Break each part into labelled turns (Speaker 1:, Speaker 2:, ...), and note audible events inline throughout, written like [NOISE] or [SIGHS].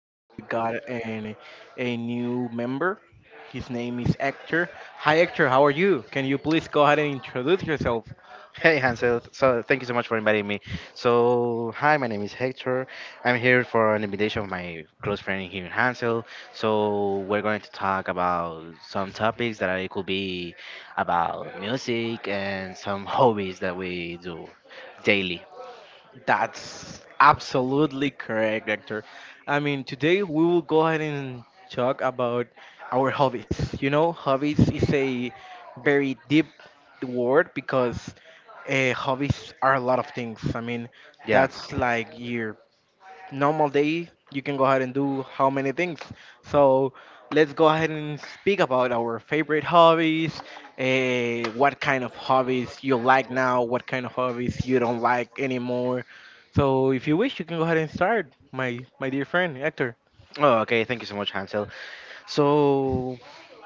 Speaker 1: Today we got an a new member. His name is Hector. Hi Hector, how are you? Can you please go ahead and introduce yourself?
Speaker 2: Hey Hansel, so thank you so much for inviting me. So hi, my name is Hector. I'm here for an invitation of my close friend here, Hansel. So we're going to talk about some topics that it could be about music and some [LAUGHS] hobbies that we do daily.
Speaker 1: That's absolutely correct, Hector. I mean, today we will go ahead and talk about our hobbies. You know, hobbies is a very deep word because hobbies are a lot of things. I mean,
Speaker 2: Yeah.
Speaker 1: that's like your normal day you can go ahead and do how many things, so let's go ahead and speak about our favorite hobbies. What kind of hobbies you like now, what kind of hobbies you don't like anymore, so if you wish you can go ahead and start, my dear friend Hector.
Speaker 2: Oh, okay. Thank you so much, Hansel. So,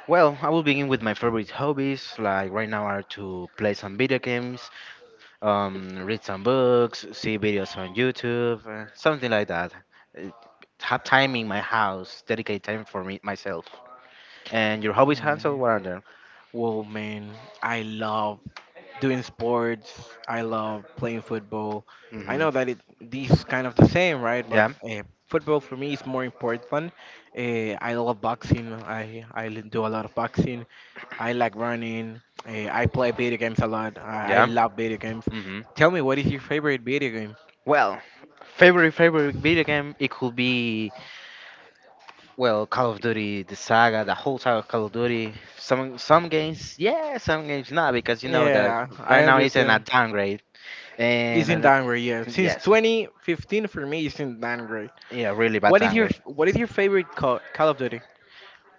Speaker 2: well, I will begin with my favorite hobbies. Like right now, are to play some video games, read some books, see videos on YouTube, something like that. Uh, Have time in my house, dedicate time for me myself. And your hobbies, Hansel,
Speaker 1: Um,
Speaker 2: what are there?
Speaker 1: well, man, I love doing sports. I love playing football. I
Speaker 2: Hmm.
Speaker 1: know that it these kind of the same, right? But
Speaker 2: Yeah,
Speaker 1: football for me is more important. I love boxing. I do a lot of boxing. I like running. I play video games a lot. I
Speaker 2: yeah.
Speaker 1: love video games.
Speaker 2: Hmm.
Speaker 1: Tell me, what is your favorite video game?
Speaker 2: Well, favorite video game, it could be well Call of Duty, the saga, the whole saga of Call of Duty. Some games, yeah, some games not because you know that
Speaker 1: Yeah, I
Speaker 2: right now it's in a
Speaker 1: understand.
Speaker 2: downgrade
Speaker 1: It's in
Speaker 2: and,
Speaker 1: downgrade. Yeah, since
Speaker 2: yes,
Speaker 1: 2015 for me, it's in downgrade.
Speaker 2: yeah, really bad
Speaker 1: What is your
Speaker 2: downgrade.
Speaker 1: What is your favorite Call of Duty?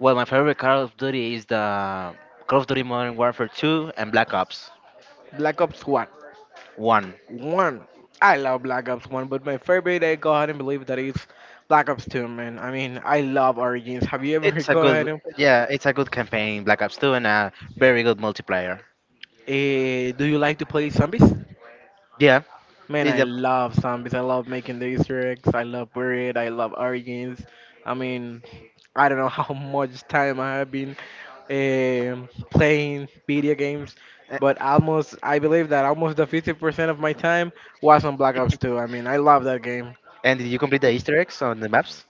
Speaker 2: Well, my favorite Call of Duty is the Call of Duty Modern Warfare 2 and Black Ops
Speaker 1: Black Ops 1.
Speaker 2: 1.
Speaker 1: 1. I love Black Ops 1, but my favorite, I go ahead and believe that is Black Ops 2, man. I mean, I love Origins. Have you ever [LAUGHS]
Speaker 2: It's a
Speaker 1: go ahead
Speaker 2: good,
Speaker 1: and.
Speaker 2: yeah, it's a good campaign, Black Ops 2, and a very good multiplayer.
Speaker 1: Eh, do you like to play zombies?
Speaker 2: Yeah,
Speaker 1: Man,
Speaker 2: it's
Speaker 1: I
Speaker 2: a,
Speaker 1: love zombies. I love making the Easter eggs. I love Buried. I love Origins. I mean, I don't know [LAUGHS] how much time I have been playing video games,
Speaker 2: a-
Speaker 1: but almost, I believe that almost the 50% of my time was on Black Ops 2. I mean, I love that game.
Speaker 2: and did you complete the Easter eggs on the maps?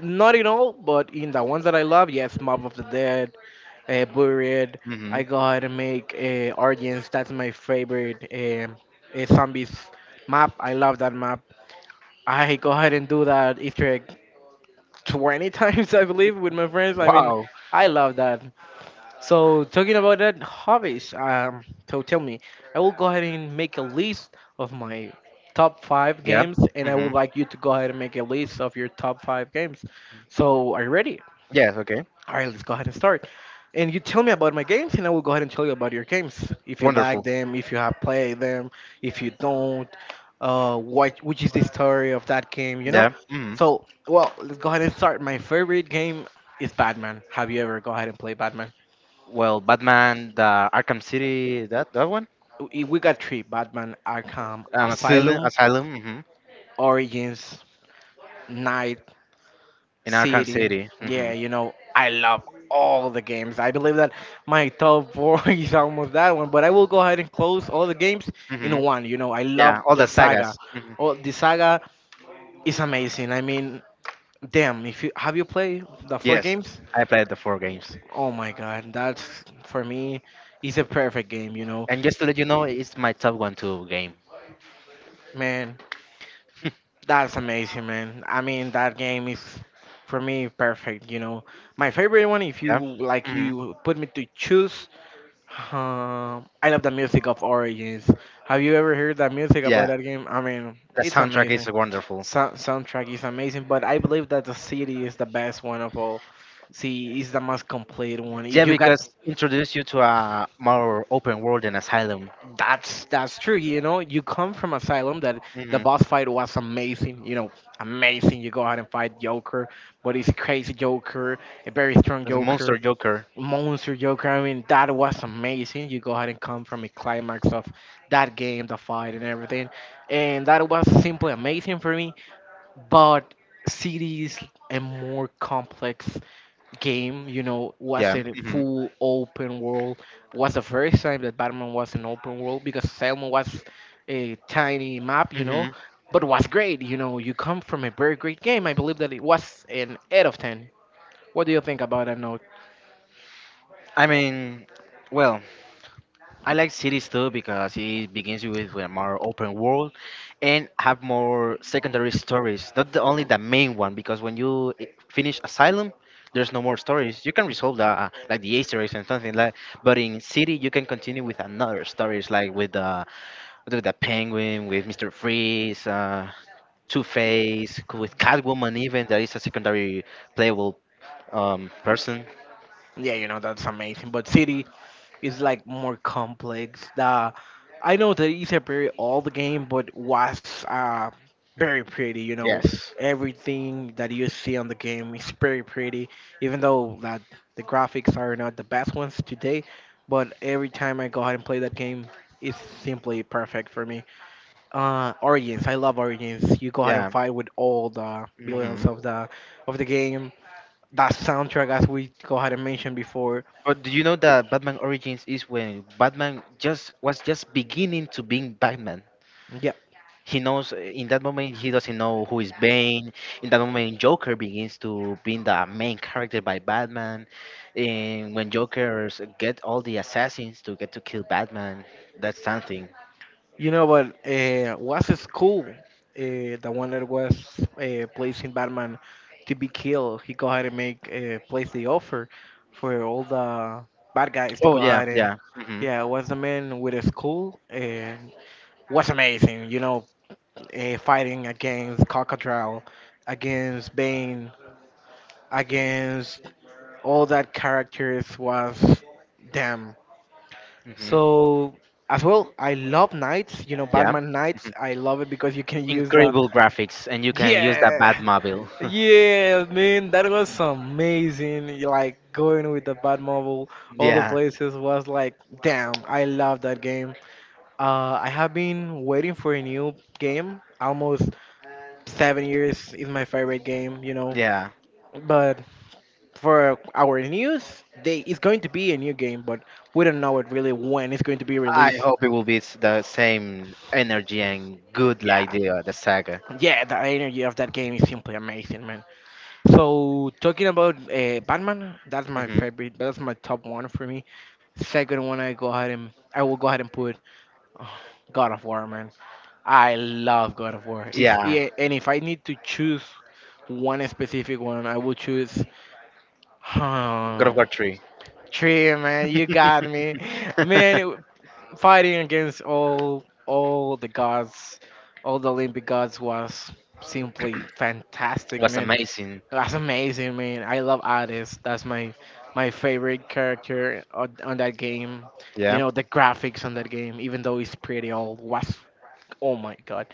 Speaker 1: Not in all, but in the ones that I love, yes, Mob of the Dead, Buried.
Speaker 2: Hmm.
Speaker 1: I go ahead and make Origins. That's my favorite zombies map. I love that map. I go ahead and do that Easter egg 20 [LAUGHS] times, I believe, with my friends. I mean,
Speaker 2: Wow.
Speaker 1: I love that. So talking about that hobbies, so tell me, I will go ahead and make a list of my top five
Speaker 2: Yeah.
Speaker 1: games, and I would
Speaker 2: Hmm.
Speaker 1: like you to go ahead and make a list of your top five games. So are you ready?
Speaker 2: Yes. Okay.
Speaker 1: All right, let's go ahead and start. And you tell me about my games, and I will go ahead and tell you about your games. If you like
Speaker 2: Wonderful.
Speaker 1: them, if you have played them, if you don't, what which is the story of that game, you know?
Speaker 2: Yeah. Hmm.
Speaker 1: So, well, let's go ahead and start. My favorite game is Batman. Have you ever go ahead and play Batman?
Speaker 2: Well, Batman, the Arkham City, that one.
Speaker 1: We got three: Batman Arkham
Speaker 2: Asylum,
Speaker 1: Asylum,
Speaker 2: Asylum. Mm-hmm.
Speaker 1: Origins,
Speaker 2: In Arkham
Speaker 1: City.
Speaker 2: City.
Speaker 1: Yeah,
Speaker 2: Hmm.
Speaker 1: you know, I love all the games. I believe that my top four [LAUGHS] is almost that one, but I will go ahead and close all the games in
Speaker 2: Hmm.
Speaker 1: one. You know, I love
Speaker 2: Yeah, all
Speaker 1: the
Speaker 2: the
Speaker 1: saga.
Speaker 2: sagas. Hmm.
Speaker 1: Oh, the saga is amazing. I mean, damn, if you have you played the four
Speaker 2: Yes,
Speaker 1: games?
Speaker 2: I played the four games.
Speaker 1: Oh my god, that's for me is a perfect game, you know.
Speaker 2: And just to let you know, it's my top one two game.
Speaker 1: Man,
Speaker 2: [LAUGHS]
Speaker 1: that's amazing, man. I mean, that game is for me perfect, you know. My favorite one if you
Speaker 2: Yeah.
Speaker 1: like
Speaker 2: Hmm.
Speaker 1: you put me to choose. I love the music of Origins. Have you ever heard that music about
Speaker 2: Yeah,
Speaker 1: that game? I mean,
Speaker 2: the
Speaker 1: it's
Speaker 2: soundtrack
Speaker 1: amazing.
Speaker 2: is wonderful.
Speaker 1: Soundtrack is amazing, but I believe that the city is the best one of all. See, it's the most complete one.
Speaker 2: Yeah,
Speaker 1: You got
Speaker 2: because introduce you to a more open world and asylum.
Speaker 1: that's true. You know, you come from Asylum that the
Speaker 2: Hmm.
Speaker 1: boss fight was amazing. You know, amazing. You go out and fight Joker, but it's crazy Joker, a very strong
Speaker 2: As a monster
Speaker 1: Joker.
Speaker 2: Joker.
Speaker 1: Monster Joker. I mean, that was amazing. You go ahead and come from a climax of that game, the fight, and everything. And that was simply amazing for me. But City is a more complex game, you know, was
Speaker 2: Yeah.
Speaker 1: a
Speaker 2: Hmm.
Speaker 1: full open world. Was the first time that Batman was an open world because Selma was a tiny map, you
Speaker 2: Hmm.
Speaker 1: know. But was great, you know. You come from a very great game. I believe that it was an 8 of 10. What do you think about that?
Speaker 2: I mean, well, I like cities too because it begins with a more open world and have more secondary stories. Not the, only the main one because when you finish Asylum, there's no more stories. You can resolve the, like the Easter eggs and something like. But in City, you can continue with another stories like with the, with the Penguin, with Mister Freeze, Two Face, with Catwoman, even that is a secondary playable person.
Speaker 1: Yeah, you know, that's amazing. But City is like more complex. The I know that it's a very old game, but was very pretty, you know.
Speaker 2: Yes.
Speaker 1: Everything that you see on the game is very pretty, even though that the graphics are not the best ones today, but every time I go ahead and play that game it's simply perfect for me. Origins, I love Origins. You go ahead and
Speaker 2: Yeah.
Speaker 1: fight with all the
Speaker 2: Hmm.
Speaker 1: billions of the game. That soundtrack as we go ahead and mentioned before.
Speaker 2: But do you know that Batman Origins is when Batman just was just beginning to being Batman?
Speaker 1: Yeah,
Speaker 2: He knows, in that moment he doesn't know who is Bane. In that moment, Joker begins to being the main character by Batman. And when Jokers get all the assassins to get to kill Batman, that's something.
Speaker 1: you know what? Was a school, the one that was placing Batman to be killed. He go ahead and make place the offer for all the bad guys to
Speaker 2: Oh
Speaker 1: go
Speaker 2: yeah,
Speaker 1: ahead and.
Speaker 2: yeah. Hmm.
Speaker 1: Yeah, was a man with a school and was amazing. You know, fighting against Cockatrial, against Bane, against all that characters was damn.
Speaker 2: Hmm.
Speaker 1: So as well, I love knights. You know,
Speaker 2: Yeah.
Speaker 1: Batman
Speaker 2: Hmm.
Speaker 1: knights. I love it because you can use the
Speaker 2: Incredible graphics, and you can use the
Speaker 1: yeah,
Speaker 2: Batmobile. [LAUGHS]
Speaker 1: yeah, man. That was amazing. Like going with the Batmobile, all the
Speaker 2: Yeah,
Speaker 1: places was like, damn. I love that game. I have been waiting for a new game. Almost 7 years is my favorite game. You know,
Speaker 2: yeah.
Speaker 1: but for our news, they it's going to be a new game, but we don't know it really when it's going to be
Speaker 2: I
Speaker 1: released.
Speaker 2: hope it will be the same energy and good
Speaker 1: Yeah.
Speaker 2: like the, the saga.
Speaker 1: Yeah, the energy of that game is simply amazing, man. So talking about Batman, that's my
Speaker 2: Hmm.
Speaker 1: favorite. That's my top one for me. Second one, I will go ahead and put [SIGHS] uh, God of War, man. I love God of War. If
Speaker 2: Yeah,
Speaker 1: yeah, and if I need to choose one specific one, I will choose. [SIGHS]
Speaker 2: God of
Speaker 1: Huh,
Speaker 2: War three.
Speaker 1: Tree, man, you got
Speaker 2: [LAUGHS]
Speaker 1: me, man. It, fighting against all the gods, all the Olympic gods was simply fantastic,
Speaker 2: Was
Speaker 1: man.
Speaker 2: amazing.
Speaker 1: That's amazing, man. I love Hades. That's my favorite character on that game. You
Speaker 2: Yeah.
Speaker 1: know, the graphics on that game, even though it's pretty old, was oh my god.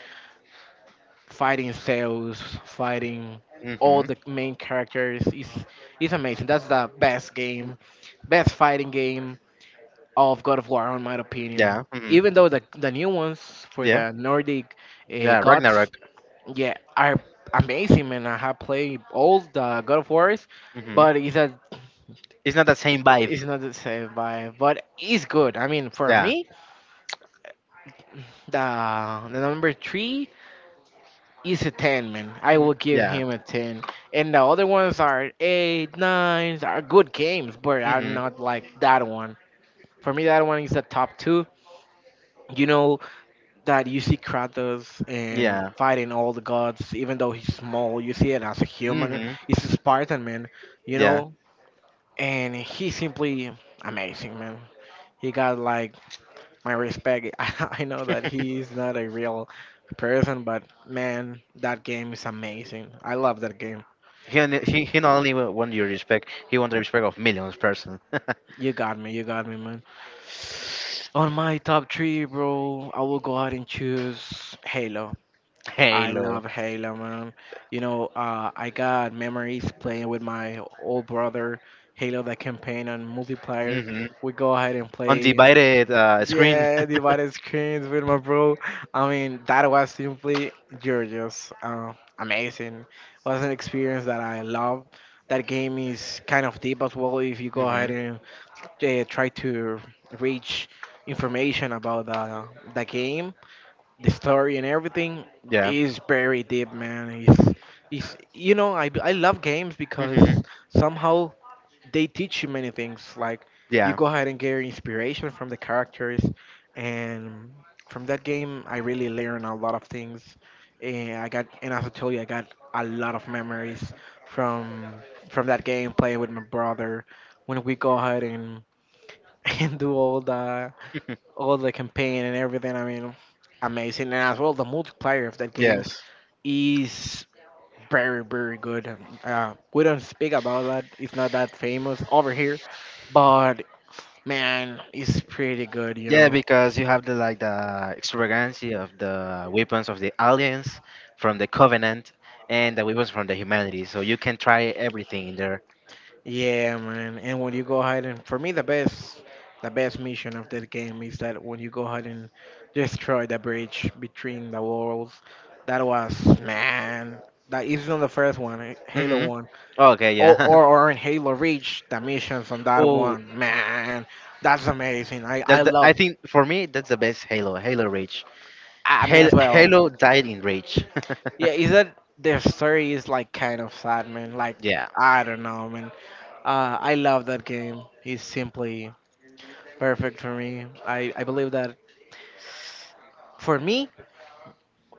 Speaker 1: Fighting Zeus, fighting all
Speaker 2: Hmm.
Speaker 1: the main characters is amazing. That's the best game, best fighting game of God of War, in my opinion.
Speaker 2: Yeah. Hmm.
Speaker 1: Even though the new ones for
Speaker 2: Yeah.
Speaker 1: the Nordic
Speaker 2: Yeah.
Speaker 1: gods
Speaker 2: Ragnarok.
Speaker 1: yeah, are amazing, man. I have played all the God of Wars,
Speaker 2: Hmm.
Speaker 1: but
Speaker 2: It's not the same vibe.
Speaker 1: it's not the same. Vibe. But it's good. I mean, for
Speaker 2: Yeah.
Speaker 1: me, the number three is a ten, man. I
Speaker 2: Mhm.
Speaker 1: will give
Speaker 2: Yeah.
Speaker 1: him a ten. And the other ones are eight, nines, are good games, but are
Speaker 2: Hmm.
Speaker 1: not like that one. For me, that one is the top two. You know that you see Kratos and
Speaker 2: Yeah.
Speaker 1: fighting all the gods, even though he's small. You see it as a human.
Speaker 2: Hmm.
Speaker 1: He's a Spartan, man. You
Speaker 2: Yeah.
Speaker 1: know, and he's simply amazing, man. He got like my respect. [LAUGHS] I know that
Speaker 2: [LAUGHS]
Speaker 1: he's not a real person, but man, that game is amazing. I love that game.
Speaker 2: He, only, he not only want your respect, he want the respect of millions person. [LAUGHS]
Speaker 1: You got me, man. On my top three, bro, I will go ahead and choose Halo. I
Speaker 2: Halo.
Speaker 1: love Halo, man. You know, I got memories playing with my old brother Halo the campaign on multiplayer.
Speaker 2: Hmm.
Speaker 1: We go ahead and play.
Speaker 2: Undivided, screen.
Speaker 1: Yeah, divided screens with my bro. I mean, that was simply gorgeous, amazing. Was an experience that I love. That game is kind of deep as well. If you go ahead
Speaker 2: Mm-hmm.
Speaker 1: and try to reach information about the game, the story and everything
Speaker 2: Yeah.
Speaker 1: is very deep, man. It's you know I love games
Speaker 2: Mm-hmm.
Speaker 1: because somehow they teach you many things. Like you
Speaker 2: Yeah.
Speaker 1: go ahead and get your inspiration from the characters, and from that game, I really learned a lot of things. And I got, and as I told you, I got a lot of memories from from that game playing with my brother. When we go ahead and [LAUGHS] and do all the
Speaker 2: [LAUGHS]
Speaker 1: all the campaign and everything, I mean, amazing. And as well, the multiplayer of that game
Speaker 2: Yes.
Speaker 1: is very, very good. We don't speak about that. It's not that famous over here, but man, it's pretty good, you
Speaker 2: Yeah,
Speaker 1: know.
Speaker 2: because you have the, like the extravagancy of the weapons of the aliens from the Covenant and the weapons from the humanity. So you can try everything in there.
Speaker 1: Yeah, man. And when you go ahead and for me, the best mission of this game is that when you go ahead and destroy the bridge between the worlds, that was man. That is not the first one, Halo
Speaker 2: Mm-hmm.
Speaker 1: one,
Speaker 2: Oh, okay,
Speaker 1: or,
Speaker 2: yeah.
Speaker 1: or or in Halo Reach, the missions on that
Speaker 2: [LAUGHS] Oh,
Speaker 1: one, man, that's amazing. I
Speaker 2: that's the.
Speaker 1: love.
Speaker 2: I think for me that's the best Halo. Halo Reach.
Speaker 1: I mean
Speaker 2: Halo,
Speaker 1: as well.
Speaker 2: Halo died in Reach.
Speaker 1: Yeah, is that their story is like kind of sad, man. Like
Speaker 2: [LAUGHS] Yeah.
Speaker 1: I don't know, man. I love that game. It's simply perfect for me. I believe that for me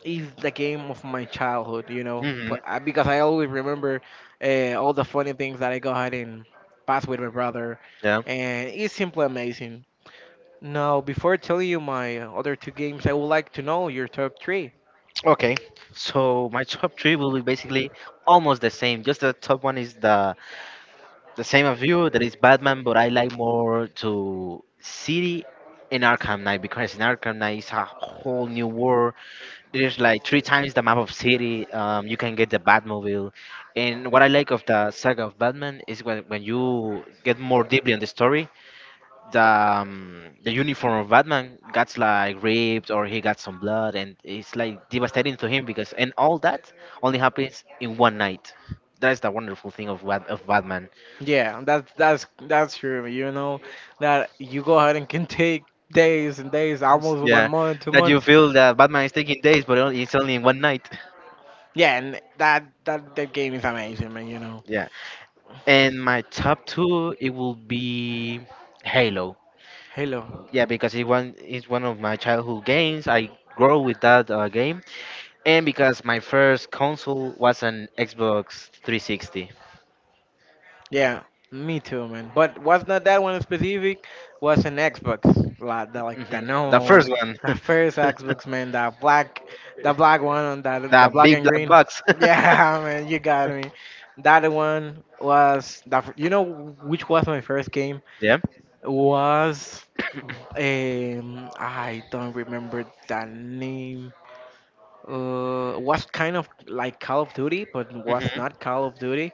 Speaker 1: is the game of my childhood. You know,
Speaker 2: Mm-hmm.
Speaker 1: Because I always remember all the funny things that I go ahead and pass with my brother,
Speaker 2: Yeah.
Speaker 1: and it's simply amazing. Now, before telling you my other two games, I would like to know your top three.
Speaker 2: Okay. So my top three will be basically almost the same. Just the top one is the same of you. That is Batman, but I like more to City in Arkham Knight because in Arkham Knight is a whole new world. There's like three times the map of City. You can get the Batmobile, and what I like of the saga of Batman is when you get more deeply on the story. The, the uniform of Batman gets like ripped or he got some blood, and it's like devastating to him because and all that only happens in one night. That's the wonderful thing of of Batman.
Speaker 1: Yeah, that's true. You know that you go ahead and can take days and days, almost one
Speaker 2: Yeah,
Speaker 1: month, two
Speaker 2: that you
Speaker 1: months.
Speaker 2: feel that Batman is taking days, but it's only in one night.
Speaker 1: Yeah, and that game is amazing, man. You know,
Speaker 2: Yeah, and my top two it will be Halo.
Speaker 1: Halo.
Speaker 2: Yeah, because it's one of my childhood games. I grow with that, game, and because my first console was an Xbox 360.
Speaker 1: Yeah, me too, man. But was not that one in specific? Was an Xbox, like the
Speaker 2: Hmm.
Speaker 1: like the
Speaker 2: The
Speaker 1: normal
Speaker 2: first
Speaker 1: one,
Speaker 2: one.
Speaker 1: the
Speaker 2: [LAUGHS]
Speaker 1: first Xbox, man. The black one on the
Speaker 2: The
Speaker 1: the black
Speaker 2: big
Speaker 1: and
Speaker 2: black
Speaker 1: green.
Speaker 2: box.
Speaker 1: Yeah, [LAUGHS] man, you got me. That one was the. Fir- You know which was my first game?
Speaker 2: [LAUGHS] Yeah.
Speaker 1: Was I don't remember the name. Was kind of like Call of Duty, but was
Speaker 2: Mm-hmm.
Speaker 1: not Call of Duty.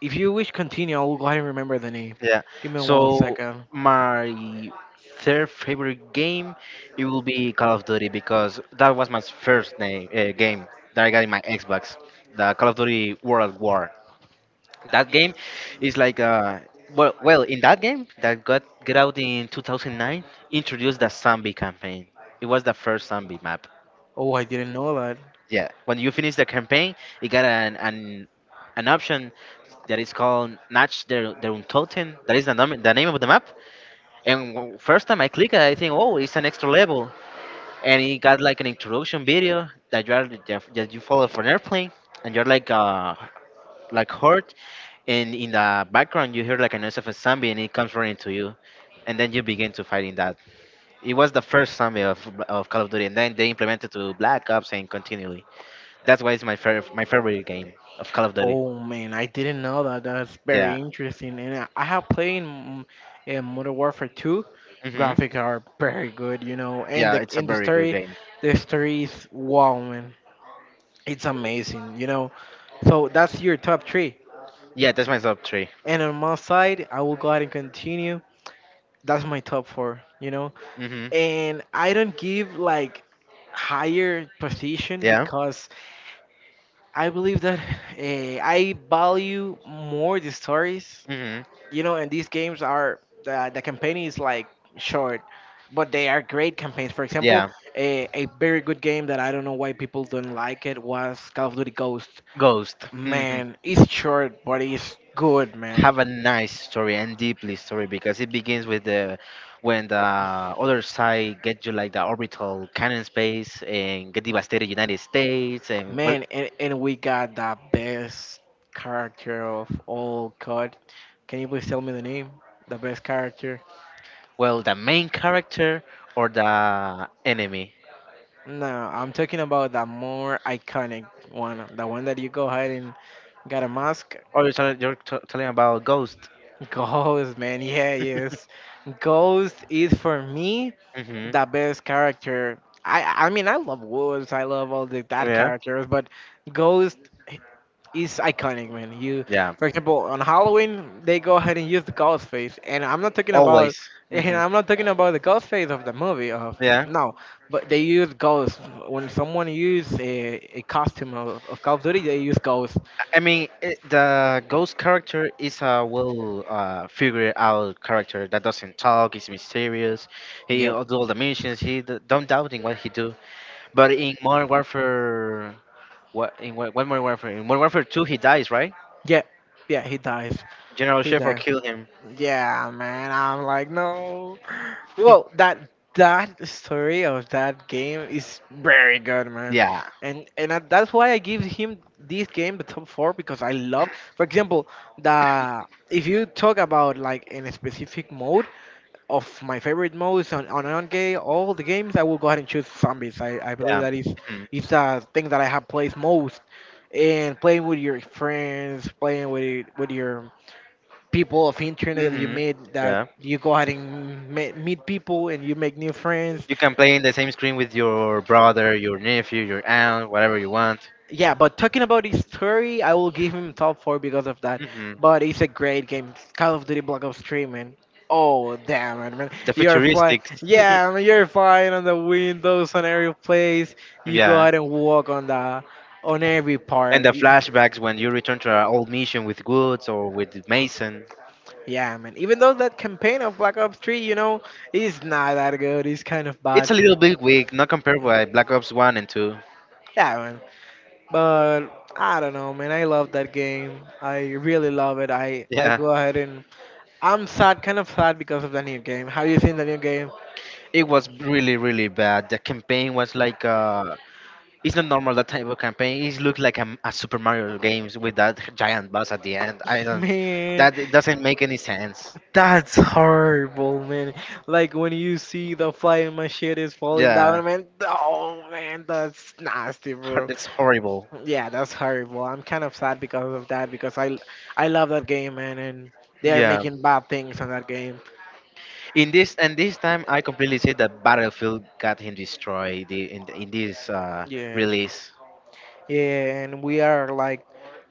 Speaker 1: If you wish continue, I'll go ahead and remember the name.
Speaker 2: Yeah.
Speaker 1: Give me one
Speaker 2: So
Speaker 1: second.
Speaker 2: my third favorite game it will be Call of Duty because that was my first name, game that I got in my Xbox, the Call of Duty World War. That game is like, well in that game that got get out in 2009 introduced the zombie campaign. It was the first zombie map.
Speaker 1: Oh, I didn't know that.
Speaker 2: Yeah, when you finish the campaign, you got an option that is called Natch der, der Untoten. That is the, the name of the map. And first time I click it, I think, oh, it's an extra level, and it got like an introduction video that you are that you follow for an airplane, and you're like hurt, and in the background you hear like a noise of a zombie, and it comes running to you, and then you begin to fighting that. It was the first zombie of Call of Duty, and then they implemented to Black Ops and continually. That's why it's my favorite game of Call of Duty.
Speaker 1: Oh man, I didn't know that. That's very
Speaker 2: Yeah.
Speaker 1: interesting. And I have played in Modern Warfare 2.
Speaker 2: Mhm.
Speaker 1: Graphics are very good, you know. And
Speaker 2: Yeah,
Speaker 1: the
Speaker 2: it's a
Speaker 1: in
Speaker 2: very good game.
Speaker 1: the story is wow, man. It's amazing, you know. So that's your top three.
Speaker 2: Yeah, that's my top three.
Speaker 1: And on my side, I will go ahead and continue. That's my top four, you know.
Speaker 2: Mhm.
Speaker 1: And I don't give like higher position
Speaker 2: Yeah.
Speaker 1: because I believe that [SIGHS] I value more the stories,
Speaker 2: Mm-hmm.
Speaker 1: you know, and these games are the campaign is like short, but they are great campaigns. For example,
Speaker 2: Yeah,
Speaker 1: a very good game that I don't know why people don't like it was Call of Duty Ghost.
Speaker 2: Ghost. Mhm.
Speaker 1: Man, it's short, but it's good, man.
Speaker 2: Have a nice story and deeply story because it begins with the when the other side get you like the orbital cannon space and get devastated United States and, well,
Speaker 1: Man, and we got the best character of all. God, can you please tell me the name? The best character.
Speaker 2: well the main character or the enemy.
Speaker 1: No, I'm talking about the more iconic one, the one that you go ahead and got a mask.
Speaker 2: Or you're, telling about Ghost.
Speaker 1: [LAUGHS] Ghost, man, yeah, yes.
Speaker 2: [LAUGHS]
Speaker 1: Ghost is for me
Speaker 2: Hmm.
Speaker 1: the best character. I mean, I love Woods, I love all the that
Speaker 2: Yeah.
Speaker 1: characters, but Ghost, is iconic, man. You,
Speaker 2: Yeah.
Speaker 1: for example, on Halloween they go ahead and use the ghost face,
Speaker 2: Always.
Speaker 1: and
Speaker 2: Hmm.
Speaker 1: I'm not talking about the ghost face of the movie. Of
Speaker 2: Yeah.
Speaker 1: no, but they use ghosts when someone use a costume of Call of Duty. They use ghosts.
Speaker 2: I mean, the ghost character is a, well, figured out character that doesn't talk. Is mysterious. He do
Speaker 1: Yep.
Speaker 2: all the missions. He don't doubting what he do. But in Modern Warfare, what in what, what Modern Warfare? In Modern Warfare Two, he dies, right?
Speaker 1: Yeah. Yeah. He dies.
Speaker 2: General
Speaker 1: He
Speaker 2: Shepard
Speaker 1: dies.
Speaker 2: killed him.
Speaker 1: Yeah, man. I'm like no. Well, that story of that game is very good, man,
Speaker 2: Yeah,
Speaker 1: and I, that's why I give him this game the top four because I love, for example, the if you talk about like in a specific mode of my favorite modes on on game all the games I will go ahead and choose zombies. I believe
Speaker 2: yeah.
Speaker 1: that is the thing that I have played most, and playing with your friends, playing with your people of internet that you
Speaker 2: Mm-hmm.
Speaker 1: meet
Speaker 2: Yeah.
Speaker 1: that you go ahead and meet people and you make new friends
Speaker 2: You can play in the same screen with your brother, your nephew, your aunt, whatever you want.
Speaker 1: yeah but talking about his story I will give him top four because of that
Speaker 2: Hmm.
Speaker 1: but it's a great game call of duty black ops 3-man oh damn it, man
Speaker 2: The
Speaker 1: you're flying
Speaker 2: futuristics.
Speaker 1: yeah man, you're flying on the windows on every place you go
Speaker 2: [LAUGHS] Yeah.
Speaker 1: ahead and walk on the on every
Speaker 2: And
Speaker 1: part
Speaker 2: the flashbacks when you return to our old mission with Woods or with Mason.
Speaker 1: Yeah man even though that campaign of black ops 3 you know is not that good it's kind of
Speaker 2: It's
Speaker 1: bad
Speaker 2: a little bit weak, not compared with Black Ops 1 and 2.
Speaker 1: yeah man. But I don't know, man. I love that game. I really love it. I
Speaker 2: Yeah,
Speaker 1: go ahead and I'm sad, kind of sad because of the new game. Have you seen the new game?
Speaker 2: it was really, really bad. The campaign was like, it's not normal that type of campaign. It looked like a Super Mario games with that giant boss at the end. I
Speaker 1: [LAUGHS]
Speaker 2: don't,
Speaker 1: Man,
Speaker 2: that it doesn't make any sense.
Speaker 1: that's horrible, man. Like when you see the flying machine is falling
Speaker 2: Yeah,
Speaker 1: down, man. Oh man, that's nasty, bro.
Speaker 2: that's horrible.
Speaker 1: Yeah, that's horrible. I'm kind of sad because of that because I love that game, man, and they are
Speaker 2: Yeah.
Speaker 1: making bad things on that game.
Speaker 2: In this and this time, I completely say that Battlefield got him destroyed, in this,
Speaker 1: Yeah.
Speaker 2: release.
Speaker 1: Yeah, and we are like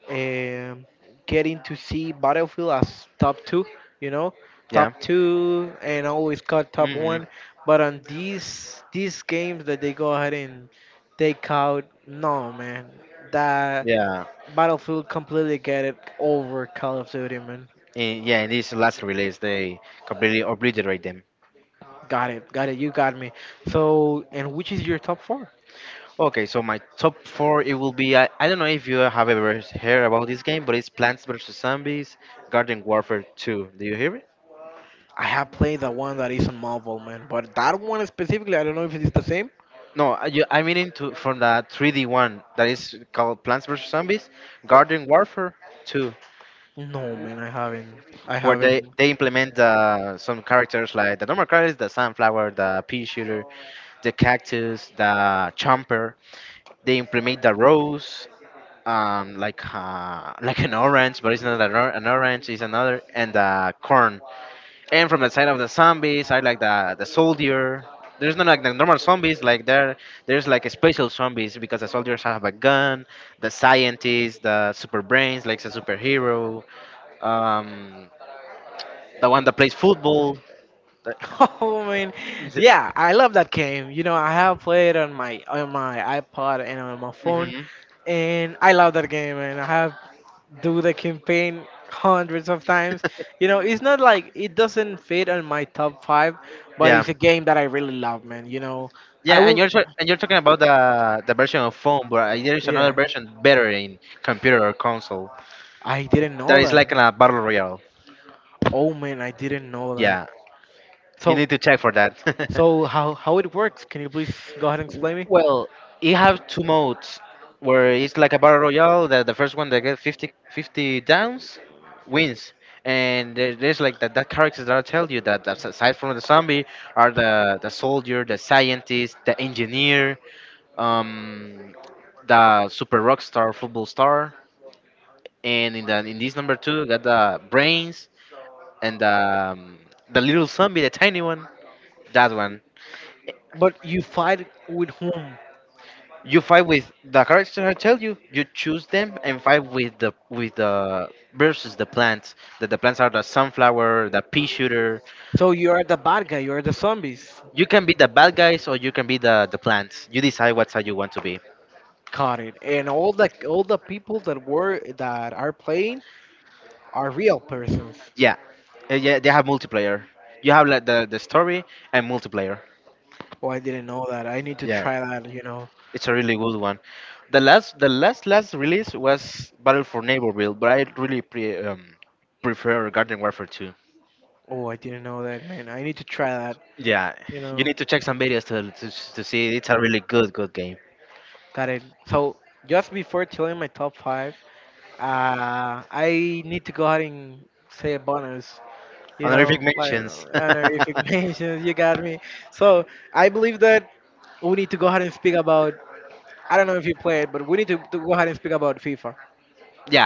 Speaker 1: um, getting to see Battlefield as top two, you know,
Speaker 2: Yeah.
Speaker 1: top two, and always cut top
Speaker 2: Hmm.
Speaker 1: one. But on these games that they go ahead and take out, no man, that
Speaker 2: Yeah,
Speaker 1: Battlefield completely get it over Call of Duty, man.
Speaker 2: yeah. In this last release, they completely obliterate them.
Speaker 1: Got it, got it. You got me. So, and which is your top four?
Speaker 2: Okay, so my top four it will be, I don't know if you have ever heard about this game, but it's Plants vs Zombies Garden Warfare 2. Do you hear it?
Speaker 1: I have played the one that is on mobile, man, but that one specifically, I don't know if it is the same.
Speaker 2: No, I mean into from the 3D one that is called Plants vs Zombies Garden Warfare 2,
Speaker 1: No, man, I haven't. I
Speaker 2: where they
Speaker 1: haven't.
Speaker 2: they implement, some characters like the normal characters, the sunflower, the pea shooter, the cactus, the chomper. They implement the rose, like, like an orange, but it's not an, an orange, it's another, and corn. And from the side of the zombies, I like the soldier. There's not like the normal zombies, like, there's like a special zombies because the soldiers have a gun, the scientists, the super brains like a superhero, um the one that plays football.
Speaker 1: [LAUGHS] I mean, yeah, I love that game. You know, I have played on my iPod and on my phone,
Speaker 2: Hmm.
Speaker 1: and I love that game. And I have do the campaign hundreds of times. You know, it's not like it doesn't fit on my top five,
Speaker 2: [LAUGHS]
Speaker 1: but
Speaker 2: Yeah,
Speaker 1: it's a game that I really love, man. You know, I
Speaker 2: yeah, and
Speaker 1: will.
Speaker 2: you're, and you're talking about the version of phone, but, there is
Speaker 1: Yeah,
Speaker 2: another version better in computer or console.
Speaker 1: I didn't
Speaker 2: That
Speaker 1: know
Speaker 2: is
Speaker 1: that.
Speaker 2: like a battle royale.
Speaker 1: Oh man, I didn't know that.
Speaker 2: Yeah, you
Speaker 1: So,
Speaker 2: need to check for that.
Speaker 1: so how it works? Can you please go ahead and explain me?
Speaker 2: [LAUGHS] Well, it have two modes where it's like a battle royale. That the first one that get fifty downs wins, and there, there's like that characters that I tell you, that that's aside from the zombie, are the soldier, the scientist, the engineer, um, the super rock star, football star, and in the, in this number two got the brains and the, um, the little zombie, the tiny one. That one.
Speaker 1: But you fight with whom?
Speaker 2: You fight with the character I tell you. You choose them and fight with the versus the plants. That the plants are the sunflower, the pea shooter.
Speaker 1: So you are the bad guy. You are the zombies.
Speaker 2: You can be the bad guys or you can be the plants. You decide what side you want to be.
Speaker 1: Caught it. And all the people that were that are playing are real persons.
Speaker 2: Yeah, yeah. They have multiplayer. You have like the story and multiplayer.
Speaker 1: Oh, I didn't know that. I need to
Speaker 2: Yeah,
Speaker 1: try that. You know.
Speaker 2: it's a really good one. The last the last release was Battle for Neighborville, but I really prefer Garden Warfare 2.
Speaker 1: Oh, I didn't know that, man. I need to try that.
Speaker 2: Yeah,
Speaker 1: You
Speaker 2: you
Speaker 1: know.
Speaker 2: need to check some videos to see it's a really good game.
Speaker 1: Got it. So just before telling my top five, I need to go ahead and say a bonus. You
Speaker 2: Honorific
Speaker 1: know, like
Speaker 2: mentions. [LAUGHS]
Speaker 1: honorific [LAUGHS] mentions. You got me. So I believe that we need to go ahead and speak about I don't know if you played, but we need to go ahead and speak about FIFA.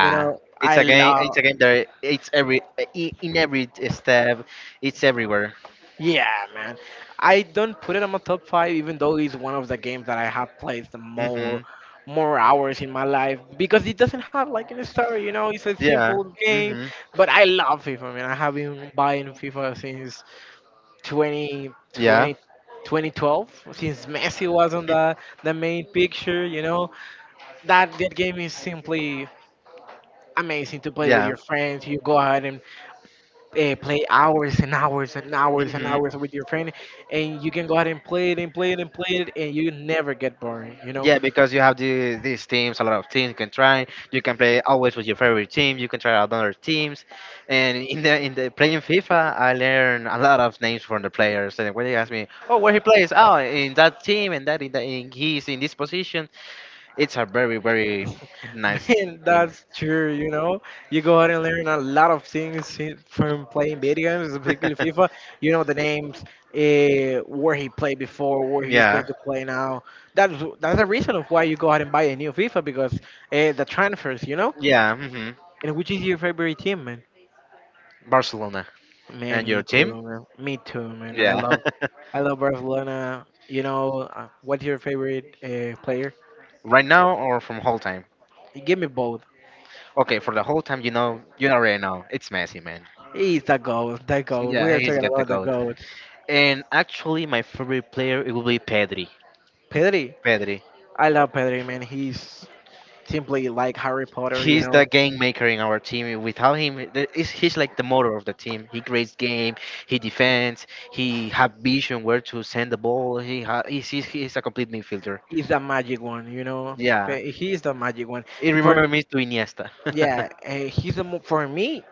Speaker 1: You know,
Speaker 2: it's
Speaker 1: I
Speaker 2: a game.
Speaker 1: love.
Speaker 2: It's a game that it's in every step. It's everywhere.
Speaker 1: Yeah, man. I don't put it on my top five, even though it's one of the games that I have played the more
Speaker 2: Mhm.
Speaker 1: more hours in my life because it doesn't have like any story. You know, it's a
Speaker 2: Yeah.
Speaker 1: simple game,
Speaker 2: Mhm.
Speaker 1: but I love FIFA, man. I have been buying FIFA since 20,
Speaker 2: Yeah.
Speaker 1: 20 2012 since Messi was on the main picture. You know, that game is simply amazing to play with
Speaker 2: Yeah.
Speaker 1: your friends. You go ahead and play hours and hours and hours and
Speaker 2: Mhm.
Speaker 1: hours with your friend, and you can go out and play it and play it and play it, and you never get bored. You know,
Speaker 2: Yeah, because you have these teams, a lot of teams you can try. You can play always with your favorite team. You can try out other teams, and in the playing FIFA, I learned a lot of names from the players. And when they ask me, "Oh, where he plays? Oh, in that team, and that in, he's in this position." It's a very
Speaker 1: [LAUGHS]
Speaker 2: nice
Speaker 1: man,
Speaker 2: game.
Speaker 1: that's true. You know, you go out and learn a lot of things from playing video games, particularly
Speaker 2: [LAUGHS]
Speaker 1: FIFA. You know the names, where he played before, where he's
Speaker 2: Yeah,
Speaker 1: going to play now. That's that's the reason of why you go out and buy a new FIFA because the transfers. You know,
Speaker 2: yeah. hmm
Speaker 1: and which is your favorite team,
Speaker 2: Barcelona
Speaker 1: Man,
Speaker 2: and
Speaker 1: me
Speaker 2: your team.
Speaker 1: too, man. Me too, man.
Speaker 2: Yeah,
Speaker 1: I
Speaker 2: [LAUGHS]
Speaker 1: love Barcelona. You know, what's your favorite player?
Speaker 2: right now or from whole time.
Speaker 1: Give me both.
Speaker 2: Okay, for the whole time, you know, you already know it's Messi, man.
Speaker 1: He's the goat, the goat. We
Speaker 2: Yeah,
Speaker 1: are
Speaker 2: he's
Speaker 1: talking
Speaker 2: got the
Speaker 1: about the
Speaker 2: goat.
Speaker 1: goat.
Speaker 2: And actually, my favorite player it will be Pedri.
Speaker 1: Pedri.
Speaker 2: Pedri.
Speaker 1: I love Pedri, man. He's simply like Harry Potter, you
Speaker 2: He's the
Speaker 1: know.
Speaker 2: game maker in our team. Without him, he's like the motor of the team. He creates game. He defends. He have vision where to send the ball. He ha- he's a complete midfielder.
Speaker 1: He's the magic one, you know.
Speaker 2: Yeah,
Speaker 1: He's the magic one.
Speaker 2: it
Speaker 1: For,
Speaker 2: remembers me to Iniesta. [LAUGHS]
Speaker 1: yeah, he's the, for me,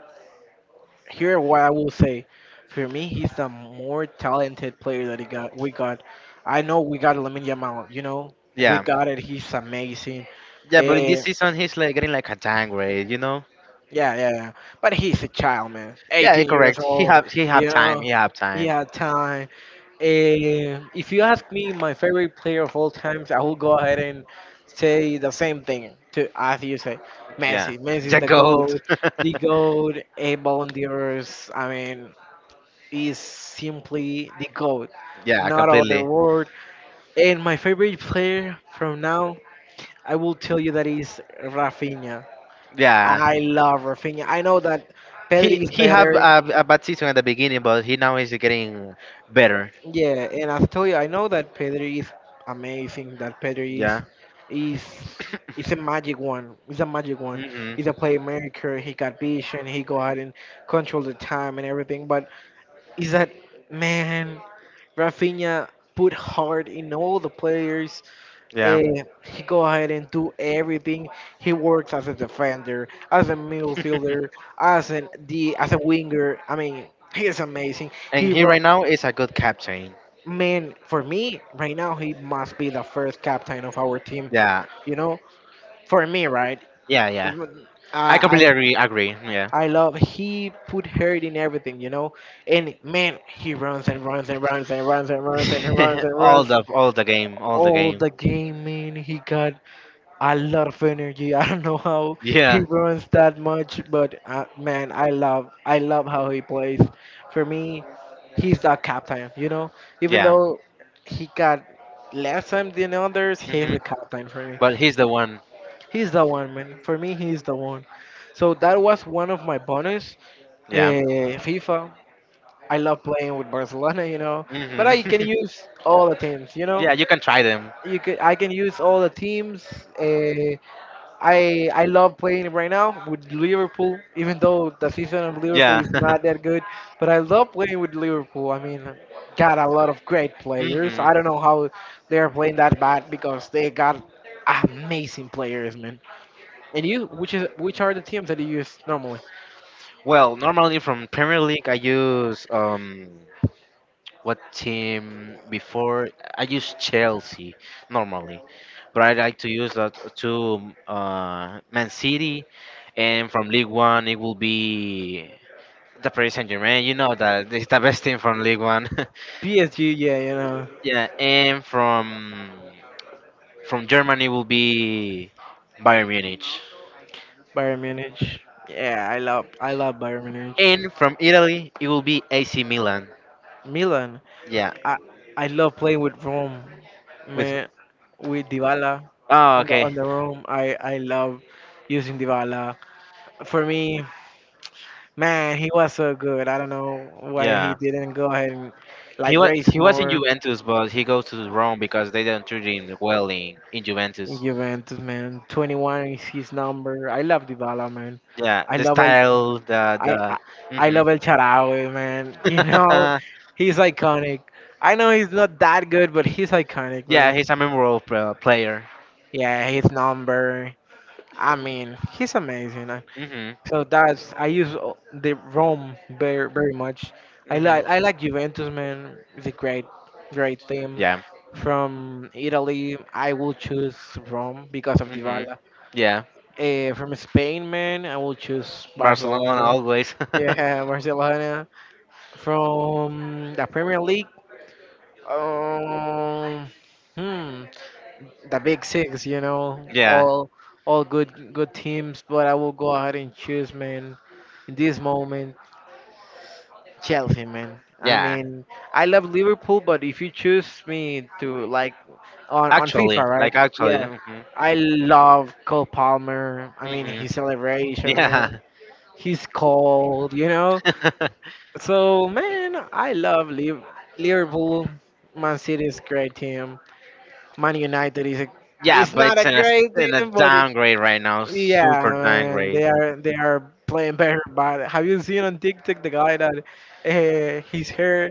Speaker 1: here what I will say for me he's the more talented player that he got we got I know we got Lamine Yamal you know Yeah. we
Speaker 2: Yeah,
Speaker 1: got it he's amazing
Speaker 2: yeah. But in
Speaker 1: Eh,
Speaker 2: this season, he's like getting like a downgrade. You know?
Speaker 1: yeah but he's a child man Yeah.
Speaker 2: Yeah, it
Speaker 1: 18 years
Speaker 2: correct. He
Speaker 1: old
Speaker 2: have he
Speaker 1: you
Speaker 2: have time.
Speaker 1: know
Speaker 2: He have
Speaker 1: he
Speaker 2: time.
Speaker 1: had time if you ask me my favorite player of all times I will go ahead and say the same thing to as you say
Speaker 2: Yeah,
Speaker 1: Messi is
Speaker 2: the goat.
Speaker 1: the goat a Ballon d'Ors I mean is simply the GOAT,
Speaker 2: [LAUGHS] Yeah,
Speaker 1: not other
Speaker 2: completely.
Speaker 1: word. And my favorite player from now, I will tell you that is Rafinha.
Speaker 2: Yeah,
Speaker 1: I love Rafinha. I know that
Speaker 2: He
Speaker 1: Pedri is
Speaker 2: he have
Speaker 1: better.
Speaker 2: a bad season at the beginning, but he now is getting better.
Speaker 1: Yeah, and I tell you, I know that Pedri is amazing. That Pedri
Speaker 2: Yeah.
Speaker 1: is is a magic one. He's a magic one.
Speaker 2: hmm
Speaker 1: He's a playmaker. He got vision. He go out and control the time and everything. But is that man Rafinha put heart in all the players.
Speaker 2: Yeah.
Speaker 1: He go ahead and do everything. He works as a defender, as a midfielder, as an the as a winger. I mean, he is amazing. He
Speaker 2: And he
Speaker 1: ro-
Speaker 2: right now is a good captain.
Speaker 1: man for me right now he must be the first captain of our team.
Speaker 2: Yeah.
Speaker 1: You know, for me, right?
Speaker 2: Yeah. Yeah. I
Speaker 1: I,
Speaker 2: completely
Speaker 1: I
Speaker 2: agree. Agree. Yeah.
Speaker 1: I love he put heart in everything, you know. And man, he runs and runs and runs and runs and runs and runs and
Speaker 2: [LAUGHS]
Speaker 1: runs
Speaker 2: All the game. All the
Speaker 1: all
Speaker 2: game.
Speaker 1: the game. Man, he got a lot of energy. [LAUGHS] I don't know how he
Speaker 2: Yeah.
Speaker 1: runs that much, but man, I love how he plays. For me, he's the captain, you know. Even
Speaker 2: Yeah.
Speaker 1: though he got less time than others, he's
Speaker 2: hmm
Speaker 1: the captain for me.
Speaker 2: But he's the one.
Speaker 1: He's the one, man. For me, he's the one. So that was one of my bonus.
Speaker 2: Yeah.
Speaker 1: FIFA. I love playing with Barcelona, you know, but
Speaker 2: hmm
Speaker 1: I can use all the teams, you
Speaker 2: [LAUGHS]
Speaker 1: know.
Speaker 2: Yeah. You can try them.
Speaker 1: You can I can use all the teams. Uh, I love playing right now with Liverpool, even though the season of Liverpool
Speaker 2: Yeah.
Speaker 1: is
Speaker 2: [LAUGHS]
Speaker 1: not that good, but I love playing with Liverpool. I mean, got a lot of great players.
Speaker 2: hmm
Speaker 1: I don't know how they are playing that bad because they got amazing players, man. And you, which are the teams that you use normally?
Speaker 2: Well, normally from Premier League, I use. What team before? I use Chelsea normally, but I like to use that to Man City, and from League One it will be the Paris Saint Germain. You know that [LAUGHS] it's the best team from League One.
Speaker 1: PSG, yeah, you know.
Speaker 2: [LAUGHS] Yeah, and from Germany will be Bayern Munich,
Speaker 1: Bayern Munich. Yeah, I love Bayern Munich.
Speaker 2: and from Italy it will be AC Milan.
Speaker 1: Milan.
Speaker 2: Yeah,
Speaker 1: I I love playing with Rome.
Speaker 2: with.
Speaker 1: Man, with Dybala
Speaker 2: Oh,
Speaker 1: in the
Speaker 2: okay,
Speaker 1: on the room. I love using Dybala. For me, man, he was so good. I don't know why he
Speaker 2: yeah.
Speaker 1: didn't go ahead and
Speaker 2: He
Speaker 1: like
Speaker 2: was
Speaker 1: race
Speaker 2: he was in
Speaker 1: more
Speaker 2: Juventus, but he goes to Rome because they don't treat him well in
Speaker 1: in
Speaker 2: Juventus.
Speaker 1: Juventus, man. 21 is his number. I love Dybala, man.
Speaker 2: Yeah,
Speaker 1: I
Speaker 2: the
Speaker 1: love El
Speaker 2: style, the
Speaker 1: I, I I
Speaker 2: the.
Speaker 1: love El Charawi, man. [LAUGHS] You know,
Speaker 2: Mhm.
Speaker 1: he's iconic. I know he's not that good, but he's
Speaker 2: [LAUGHS]
Speaker 1: iconic,
Speaker 2: Yeah,
Speaker 1: man.
Speaker 2: he's a memorable player.
Speaker 1: Yeah, his number. I mean, he's amazing.
Speaker 2: Hmm
Speaker 1: So that's I use the Rome very much.
Speaker 2: hmm
Speaker 1: I like Juventus, man. It's a great team
Speaker 2: Yeah.
Speaker 1: from Italy. I will choose Rome because of
Speaker 2: hmm
Speaker 1: Dybala.
Speaker 2: Yeah.
Speaker 1: From Spain, man, I will choose
Speaker 2: Barcelona
Speaker 1: Barcelona.
Speaker 2: always. [LAUGHS]
Speaker 1: Yeah, [LAUGHS] Barcelona. From the Premier League, um, hmm, the Big Six, you know,
Speaker 2: Yeah.
Speaker 1: all good teams. But I will go ahead and choose, man, in this moment, Chelsea, man. I
Speaker 2: Yeah.
Speaker 1: mean, I love Liverpool, but if you choose me to like on FIFA,
Speaker 2: Actually,
Speaker 1: right?
Speaker 2: like actually.
Speaker 1: Yeah,
Speaker 2: Hmm
Speaker 1: I love Cole Palmer. I mean,
Speaker 2: hmm
Speaker 1: his celebration, man.
Speaker 2: Yeah.
Speaker 1: He's cold, you know.
Speaker 2: [LAUGHS]
Speaker 1: So man, Liverpool. Man City is a great team. Man United is a,
Speaker 2: Yeah,
Speaker 1: it's
Speaker 2: but
Speaker 1: not
Speaker 2: it's
Speaker 1: a great
Speaker 2: in a
Speaker 1: team, but
Speaker 2: downgrade right now.
Speaker 1: yeah,
Speaker 2: Super
Speaker 1: man,
Speaker 2: downgrade.
Speaker 1: they are playing better. But have you seen on TikTok the guy that his hair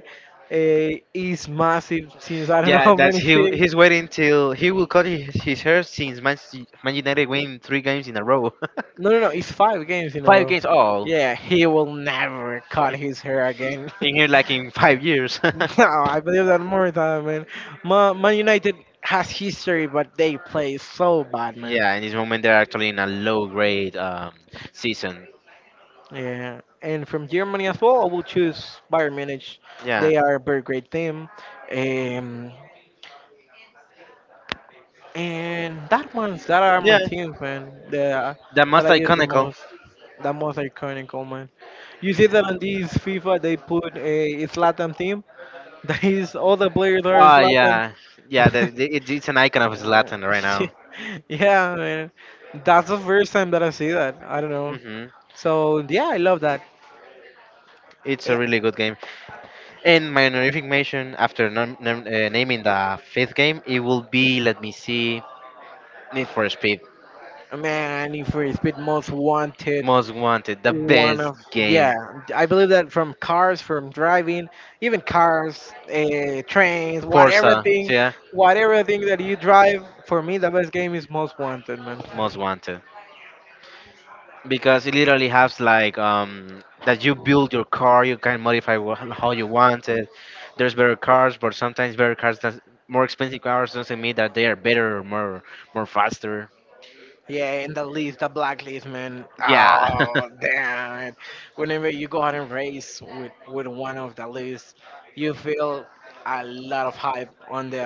Speaker 1: is massive since I don't know [LAUGHS]
Speaker 2: Yeah,
Speaker 1: how
Speaker 2: that's
Speaker 1: many
Speaker 2: he.
Speaker 1: things.
Speaker 2: He's waiting till he will cut his hair since Manchester United win 3 games in a row.
Speaker 1: No, no, no, it's five games in
Speaker 2: [LAUGHS]
Speaker 1: a
Speaker 2: five
Speaker 1: row.
Speaker 2: games all
Speaker 1: Yeah, he will never cut his hair again.
Speaker 2: in here like in 5 years.
Speaker 1: [LAUGHS] No, I believe that more than man. Man United has history, but they play so bad,
Speaker 2: [LAUGHS]
Speaker 1: man.
Speaker 2: Yeah, in this moment they're actually in a low grade season.
Speaker 1: Yeah, and from Germany as well, I will choose Bayern Munich.
Speaker 2: Yeah,
Speaker 1: They are a very great team, um, and that ones that are my
Speaker 2: yeah,
Speaker 1: teams, man. The
Speaker 2: the
Speaker 1: That
Speaker 2: most
Speaker 1: I use
Speaker 2: iconical.
Speaker 1: the most iconic, oh, man. You see that on these FIFA they put a Zlatan team. [LAUGHS] That is all the players are
Speaker 2: Ah,
Speaker 1: Zlatan.
Speaker 2: yeah, yeah.
Speaker 1: [LAUGHS]
Speaker 2: It's an icon of
Speaker 1: Uh,
Speaker 2: Zlatan right now.
Speaker 1: [LAUGHS] yeah, man. That's the first time that I see that. I don't know.
Speaker 2: Hmm
Speaker 1: So yeah, I love that.
Speaker 2: It's a
Speaker 1: Eh,
Speaker 2: really good game. And my honorific mention after naming the fifth game, it will be let me see Need for Speed.
Speaker 1: Man, Need for Speed Most Wanted.
Speaker 2: Most Wanted, the
Speaker 1: One
Speaker 2: best
Speaker 1: of Yeah,
Speaker 2: game.
Speaker 1: I believe that from cars, from driving, even cars, trains,
Speaker 2: Forza, yeah,
Speaker 1: whatever thing that you drive. For me, the best game is Most Wanted, man.
Speaker 2: Most Wanted. Because it literally has like that you build your car, you can modify how you want it. There's better cars, but sometimes more expensive cars doesn't mean that they are better or more faster.
Speaker 1: Yeah, in the list, the black list, man.
Speaker 2: Yeah, [LAUGHS]
Speaker 1: Oh, damn it. Whenever you go out and race with one of the lists, you feel a lot of hype on the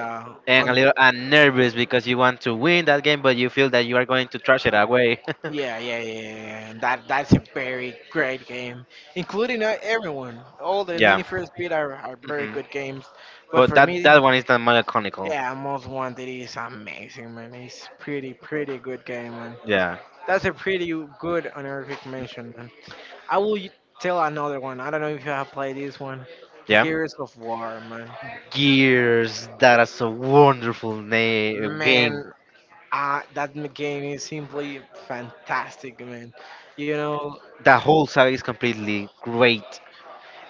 Speaker 2: and a
Speaker 1: on.
Speaker 2: little and nervous because you want to win that game, but you feel that you are going to trash it away.
Speaker 1: Yeah, yeah, yeah, yeah, yeah. That's a very great game, including everyone. All the
Speaker 2: [LAUGHS]
Speaker 1: Need Yeah
Speaker 2: Yeah,
Speaker 1: for Speed are very
Speaker 2: hmm
Speaker 1: good games, but
Speaker 2: but
Speaker 1: for me,
Speaker 2: that one is the more iconical.
Speaker 1: yeah, Most Wanted is amazing, man. It's pretty good game, man.
Speaker 2: Yeah,
Speaker 1: That's a pretty good honorific mention, I will y- tell another one. I don't know if you have played this one.
Speaker 2: yeah.
Speaker 1: Gears of War, man.
Speaker 2: Gears, that is a wonderful game.
Speaker 1: Man, that game is simply fantastic, man. You know,
Speaker 2: The whole saga is completely great.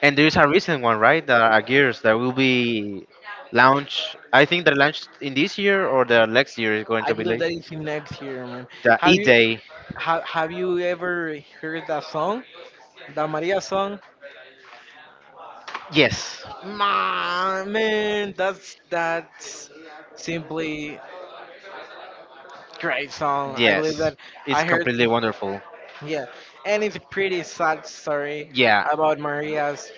Speaker 2: And there is a recent one, right? The Gears that will be launched. I think they're launched in this year or the next year is going
Speaker 1: I
Speaker 2: to be
Speaker 1: believe
Speaker 2: like
Speaker 1: that it's in next year, man.
Speaker 2: the
Speaker 1: Have
Speaker 2: E
Speaker 1: you
Speaker 2: Day.
Speaker 1: have you ever heard that song? The Maria song?
Speaker 2: Yes,
Speaker 1: Man, that's simply great song. I believe
Speaker 2: yes,
Speaker 1: that
Speaker 2: it's
Speaker 1: I
Speaker 2: completely
Speaker 1: heard
Speaker 2: wonderful.
Speaker 1: yeah, and it's a pretty sad story
Speaker 2: Yeah,
Speaker 1: about Maria's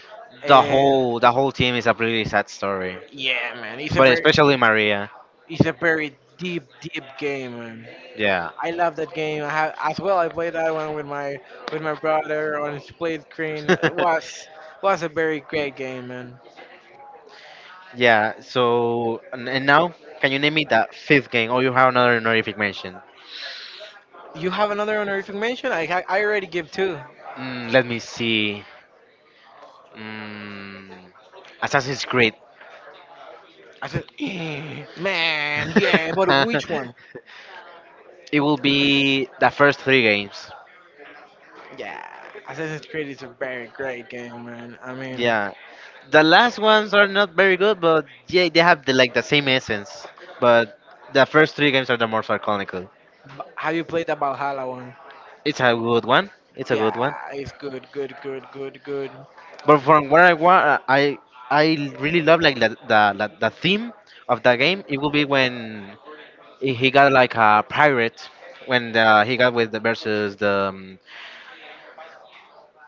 Speaker 1: uh,
Speaker 2: the whole team is a pretty sad story,
Speaker 1: Yeah, man,
Speaker 2: but especially Maria.
Speaker 1: it's a very deep, deep game, man.
Speaker 2: Yeah.
Speaker 1: I love that game. I have as well. I played that one with my brother on split screen.
Speaker 2: [LAUGHS]
Speaker 1: It Was a very great game, man.
Speaker 2: Yeah, so and now can you name me the fifth game or you have another honorific mention?
Speaker 1: You have another honorific mention? I already give two.
Speaker 2: Mm, let me see. Mm, Assassin's Creed.
Speaker 1: I said, "Eh, man, yeah,
Speaker 2: [LAUGHS]
Speaker 1: but which one?
Speaker 2: It will be the first three games.
Speaker 1: Yeah, Assassin's Creed is a very great game, man. I mean,
Speaker 2: Yeah, the last ones are not very good, but yeah, they have the, like the same essence. But the first three games are the more sarconical.
Speaker 1: have you played the Valhalla one?
Speaker 2: It's a good one. It's a good
Speaker 1: Yeah,
Speaker 2: one.
Speaker 1: it's good.
Speaker 2: But from what I want, I really love like the theme of the game. It will be when he got like a pirate when he got with the versus the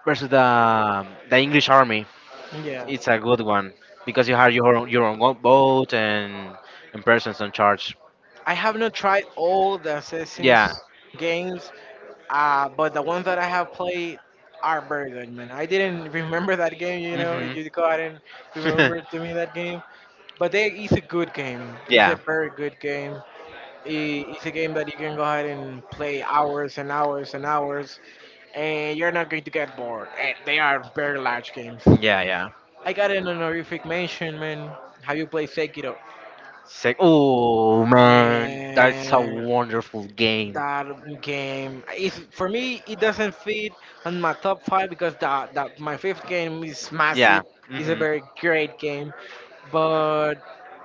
Speaker 2: versus the English army.
Speaker 1: Yeah.
Speaker 2: It's a good one because you have your own boat and persons on charge.
Speaker 1: I have not tried all the
Speaker 2: Yeah.
Speaker 1: Assassin's games, but the ones that I have played are very good, man. I didn't remember that game, you know.
Speaker 2: Mhm.
Speaker 1: You go out and remember to
Speaker 2: [LAUGHS]
Speaker 1: me that game, but they, it's a good game. It's Yeah a
Speaker 2: Yeah.
Speaker 1: very good game. It's a game that you can go ahead and play hours, and you're not going to get bored. And they are very large games.
Speaker 2: Yeah. Yeah.
Speaker 1: I got an honorific mention, man. Have you played Sekiro?
Speaker 2: It's like, oh man, that's a
Speaker 1: Man,
Speaker 2: wonderful game.
Speaker 1: that game is for me it doesn't fit on my top five because that my fifth game is
Speaker 2: Yeah.
Speaker 1: massive, it's a
Speaker 2: hmm
Speaker 1: very great game, but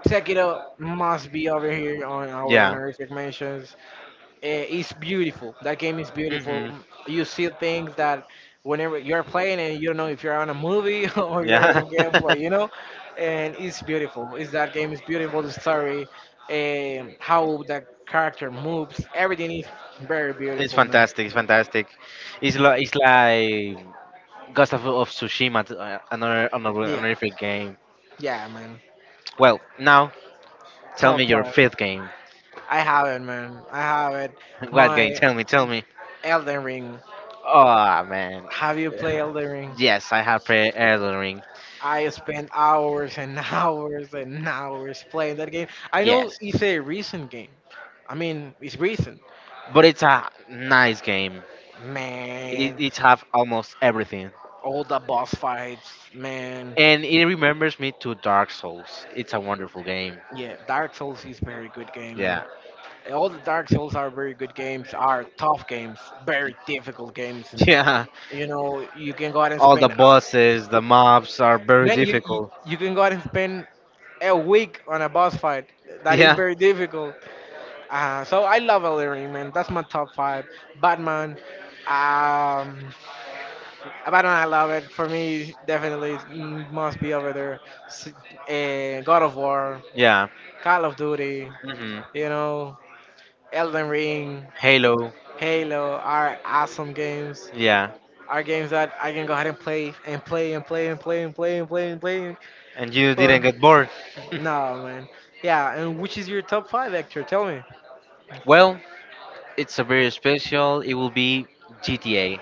Speaker 1: Sekiro must be over here on our
Speaker 2: Yeah.
Speaker 1: honorific mentions. It's beautiful. That game is beautiful.
Speaker 2: hmm
Speaker 1: You see things that whenever you're playing and you don't know if you're on a movie [LAUGHS] or you're in a
Speaker 2: Yeah.
Speaker 1: gameplay, you
Speaker 2: [LAUGHS]
Speaker 1: know, and it's beautiful. It's That game is beautiful. The story, how that character moves, everything is very
Speaker 2: It's
Speaker 1: beautiful, man.
Speaker 2: fantastic. It's fantastic. It's like Ghost of Tsushima, another another
Speaker 1: Yeah,
Speaker 2: honorific game.
Speaker 1: yeah, man.
Speaker 2: Well, now tell me
Speaker 1: Top
Speaker 2: your
Speaker 1: five.
Speaker 2: fifth game.
Speaker 1: I have it, man. I have it.
Speaker 2: [LAUGHS] What
Speaker 1: My
Speaker 2: game? Tell me. Tell me.
Speaker 1: Elden Ring.
Speaker 2: Oh man.
Speaker 1: Have you played
Speaker 2: [SIGHS]
Speaker 1: Elden Ring?
Speaker 2: Yes, I have played Elden Ring.
Speaker 1: I spent hours and [LAUGHS] hours playing that game. I know
Speaker 2: Yes,
Speaker 1: it's a recent game. I mean, it's recent.
Speaker 2: but it's a nice game.
Speaker 1: Man,
Speaker 2: It have almost everything,
Speaker 1: all the boss fights, man.
Speaker 2: and it remembers me to Dark Souls. It's a wonderful game.
Speaker 1: Yeah, Dark Souls is very good game, man.
Speaker 2: Yeah,
Speaker 1: All the Dark Souls are very good games, are tough games, very difficult games.
Speaker 2: [LAUGHS] yeah.
Speaker 1: You know, you can go out and
Speaker 2: All the
Speaker 1: spend,
Speaker 2: bosses, the mobs are very
Speaker 1: man,
Speaker 2: difficult.
Speaker 1: you
Speaker 2: [LAUGHS]
Speaker 1: can go out and spend a week on a boss fight. That is
Speaker 2: Yeah,
Speaker 1: very difficult. So I love Illyrian, man. That's my top five. Batman. Um, Batman, I love it. For me, definitely it must be over there. God of War,
Speaker 2: yeah.
Speaker 1: Call of Duty,
Speaker 2: hmm
Speaker 1: you know, Elden Ring,
Speaker 2: Halo.
Speaker 1: Halo are awesome games.
Speaker 2: Yeah,
Speaker 1: Are games that I can go ahead and play.
Speaker 2: and you
Speaker 1: But
Speaker 2: didn't get bored.
Speaker 1: no, man. Yeah, and which is your top five, Hector? Tell me.
Speaker 2: [LAUGHS] Well, it's a very special. It will be GTA.